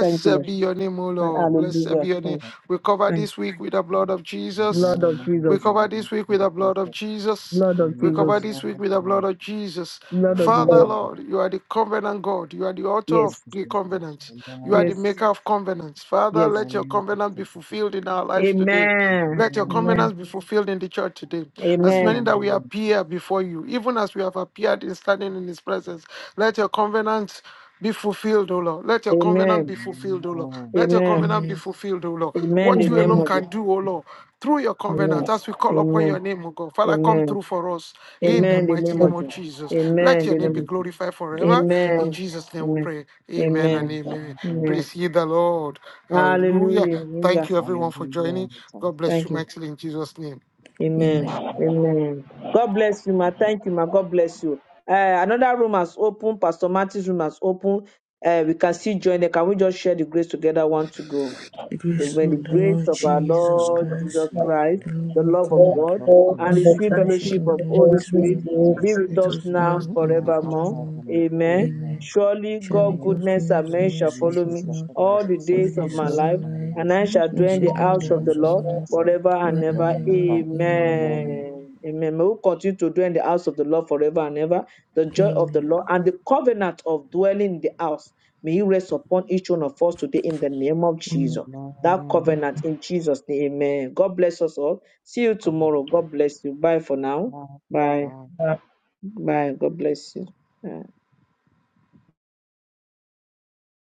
Speaker 1: Thank you, Lord.
Speaker 5: be your name, O
Speaker 1: And
Speaker 5: Lord.
Speaker 2: Jesus. Thank you,
Speaker 5: Blessed be
Speaker 1: hallelujah.
Speaker 5: your name.
Speaker 1: Thank,
Speaker 2: thank
Speaker 5: We
Speaker 2: you,
Speaker 5: cover
Speaker 2: Jesus.
Speaker 1: thank
Speaker 5: this week with the blood of
Speaker 1: you.
Speaker 5: Jesus.
Speaker 1: Lord of
Speaker 2: Amen.
Speaker 5: We
Speaker 1: Jesus.
Speaker 5: cover this
Speaker 2: Amen.
Speaker 5: week with
Speaker 2: Thank you,
Speaker 5: the blood of
Speaker 2: Jesus.
Speaker 5: Jesus.
Speaker 1: Blood of
Speaker 5: We
Speaker 2: Amen.
Speaker 5: cover
Speaker 1: Jesus.
Speaker 5: this
Speaker 2: Amen. Thank
Speaker 5: week with the blood
Speaker 2: you, Jesus.
Speaker 5: of Jesus.
Speaker 1: Blood of
Speaker 5: Father,
Speaker 2: Amen.
Speaker 1: Jesus.
Speaker 3: God,
Speaker 2: Amen.
Speaker 5: Lord, you are the covenant God. You are the author
Speaker 2: Thank
Speaker 5: of
Speaker 1: Yes.
Speaker 2: you,
Speaker 5: the
Speaker 2: Jesus.
Speaker 5: covenant. You are the
Speaker 2: Amen.
Speaker 1: Yes.
Speaker 5: maker of covenants. Father,
Speaker 1: Yes.
Speaker 5: let your covenant be fulfilled in our lives today.
Speaker 1: Amen.
Speaker 5: Let your
Speaker 2: Amen.
Speaker 1: Amen.
Speaker 5: covenants be fulfilled in the church today. As many
Speaker 1: Amen.
Speaker 5: that we
Speaker 2: Amen.
Speaker 5: appear before you, even as we have appeared in standing in his presence, let your covenants be fulfilled, O Lord. Let your covenant be
Speaker 1: Amen.
Speaker 5: fulfilled, O Lord.
Speaker 2: Amen.
Speaker 5: Let your
Speaker 1: Amen.
Speaker 5: covenant be
Speaker 4: Amen.
Speaker 5: fulfilled, O Lord.
Speaker 1: Amen.
Speaker 5: What
Speaker 1: The
Speaker 5: you
Speaker 1: name
Speaker 5: alone
Speaker 1: of
Speaker 4: Amen.
Speaker 1: Jesus.
Speaker 5: can do, O Lord, through your covenant,
Speaker 1: Amen.
Speaker 5: as we call upon
Speaker 1: Amen.
Speaker 5: your name, O God. Father, come
Speaker 1: Amen.
Speaker 5: through for us in the
Speaker 1: Amen.
Speaker 4: Amen.
Speaker 1: The
Speaker 5: mighty
Speaker 1: name
Speaker 5: name
Speaker 1: of
Speaker 5: of
Speaker 1: Jesus.
Speaker 5: Jesus. Let
Speaker 1: Amen. The
Speaker 5: your
Speaker 1: name.
Speaker 5: name
Speaker 1: of
Speaker 5: be
Speaker 1: Jesus.
Speaker 5: glorified forever.
Speaker 4: Thank you,
Speaker 5: In
Speaker 4: Lord.
Speaker 1: Amen.
Speaker 5: Jesus' name we
Speaker 1: Amen.
Speaker 5: pray. Amen and
Speaker 1: Amen.
Speaker 5: amen.
Speaker 2: Amen.
Speaker 1: Amen.
Speaker 5: Praise ye the Lord. Hallelujah.
Speaker 1: Hallelujah.
Speaker 5: Thank
Speaker 1: Hallelujah.
Speaker 5: you, everyone, for joining.
Speaker 2: Hallelujah. Thank
Speaker 5: God
Speaker 2: you,
Speaker 5: bless
Speaker 1: Thank
Speaker 5: you
Speaker 1: you.
Speaker 2: Jesus.
Speaker 5: mightily in Jesus' name.
Speaker 1: Amen.
Speaker 2: Amen.
Speaker 4: Amen.
Speaker 1: Amen. God bless you, ma. Thank you, ma. God bless you. Uh, another room has opened. Pastor Martin's room has opened. Uh, we can see join there. Can we just share the grace together? One to go.
Speaker 4: The
Speaker 1: that
Speaker 4: grace
Speaker 1: May the
Speaker 4: of the
Speaker 1: grace
Speaker 4: Lord
Speaker 1: of
Speaker 2: The
Speaker 1: our
Speaker 2: music of
Speaker 4: Jesus
Speaker 1: Lord
Speaker 2: life
Speaker 4: Christ,
Speaker 1: Jesus
Speaker 3: my
Speaker 1: Christ,
Speaker 4: the
Speaker 2: is
Speaker 4: love
Speaker 1: the
Speaker 4: of
Speaker 1: love
Speaker 4: God,
Speaker 1: of
Speaker 3: God,
Speaker 1: God,
Speaker 2: with
Speaker 3: God,
Speaker 4: and
Speaker 2: you.
Speaker 4: the
Speaker 1: and
Speaker 3: and
Speaker 1: the
Speaker 3: the
Speaker 4: sweet
Speaker 1: sweet
Speaker 3: public
Speaker 4: fellowship
Speaker 3: of
Speaker 1: fellowship
Speaker 2: Gospel
Speaker 4: of
Speaker 1: of
Speaker 3: the
Speaker 4: the
Speaker 1: Holy
Speaker 4: Holy
Speaker 3: Holy
Speaker 1: Spirit
Speaker 2: to
Speaker 4: Spirit,
Speaker 3: Spirit,
Speaker 1: be
Speaker 6: Yes,
Speaker 1: with
Speaker 6: amen.
Speaker 4: let
Speaker 1: us
Speaker 4: us
Speaker 2: unity,
Speaker 1: now
Speaker 4: now
Speaker 6: We
Speaker 4: and
Speaker 2: now
Speaker 6: will
Speaker 1: forevermore.
Speaker 6: just
Speaker 2: apart
Speaker 6: now
Speaker 4: forevermore.
Speaker 2: from my
Speaker 6: forever.
Speaker 1: Amen.
Speaker 4: Amen.
Speaker 2: amen.
Speaker 6: Amen.
Speaker 1: Surely God
Speaker 4: Surely
Speaker 2: Today,
Speaker 4: God's
Speaker 1: goodness
Speaker 2: I
Speaker 1: and
Speaker 4: goodness
Speaker 2: can
Speaker 4: and
Speaker 1: mercy
Speaker 2: make a
Speaker 1: shall
Speaker 6: Goodness
Speaker 4: mercy
Speaker 6: and
Speaker 1: follow
Speaker 4: shall
Speaker 2: message
Speaker 1: me
Speaker 6: mercy
Speaker 2: that
Speaker 4: follow us
Speaker 6: shall
Speaker 2: for
Speaker 1: all
Speaker 2: those
Speaker 6: follow
Speaker 1: the
Speaker 6: us
Speaker 4: all
Speaker 6: all
Speaker 4: the
Speaker 1: days
Speaker 6: the
Speaker 2: on
Speaker 1: of
Speaker 2: the
Speaker 4: days
Speaker 1: my
Speaker 4: of
Speaker 6: days
Speaker 2: rest
Speaker 6: of
Speaker 4: our
Speaker 1: life,
Speaker 2: of
Speaker 6: our
Speaker 2: my
Speaker 4: life.
Speaker 2: life.
Speaker 1: and
Speaker 6: lives.
Speaker 1: I shall
Speaker 4: We
Speaker 2: I'm
Speaker 1: dwell in
Speaker 4: should
Speaker 1: the
Speaker 4: die
Speaker 2: using
Speaker 4: in
Speaker 6: we
Speaker 2: to
Speaker 1: house
Speaker 4: the
Speaker 2: do it
Speaker 6: shall
Speaker 1: of
Speaker 2: in
Speaker 1: the
Speaker 2: the
Speaker 4: house of
Speaker 6: dwell
Speaker 2: heart
Speaker 6: in
Speaker 4: the
Speaker 1: Lord
Speaker 2: of
Speaker 6: the
Speaker 4: Lord,
Speaker 6: house of
Speaker 2: God,
Speaker 6: the
Speaker 1: forever
Speaker 6: Lord.
Speaker 4: ever
Speaker 1: and
Speaker 2: rather
Speaker 4: and
Speaker 1: ever.
Speaker 6: Amen.
Speaker 2: than by
Speaker 4: ever. Amen.
Speaker 2: amen.
Speaker 1: Amen. Amen. May we continue to dwell in the house of the Lord forever and ever. The joy of the
Speaker 4: Amen.
Speaker 1: Lord and the covenant of dwelling in the house. May you rest upon each one of us today in the name of
Speaker 4: Amen.
Speaker 1: Jesus that
Speaker 2: Amen.
Speaker 1: covenant in Jesus' name. Amen. God bless us all. See you
Speaker 2: God bless
Speaker 1: tomorrow.
Speaker 2: you.
Speaker 1: God bless you. Bye for now.
Speaker 2: Bye.
Speaker 1: Bye.
Speaker 2: Bye.
Speaker 3: now
Speaker 1: Bye. God bless you. Bye.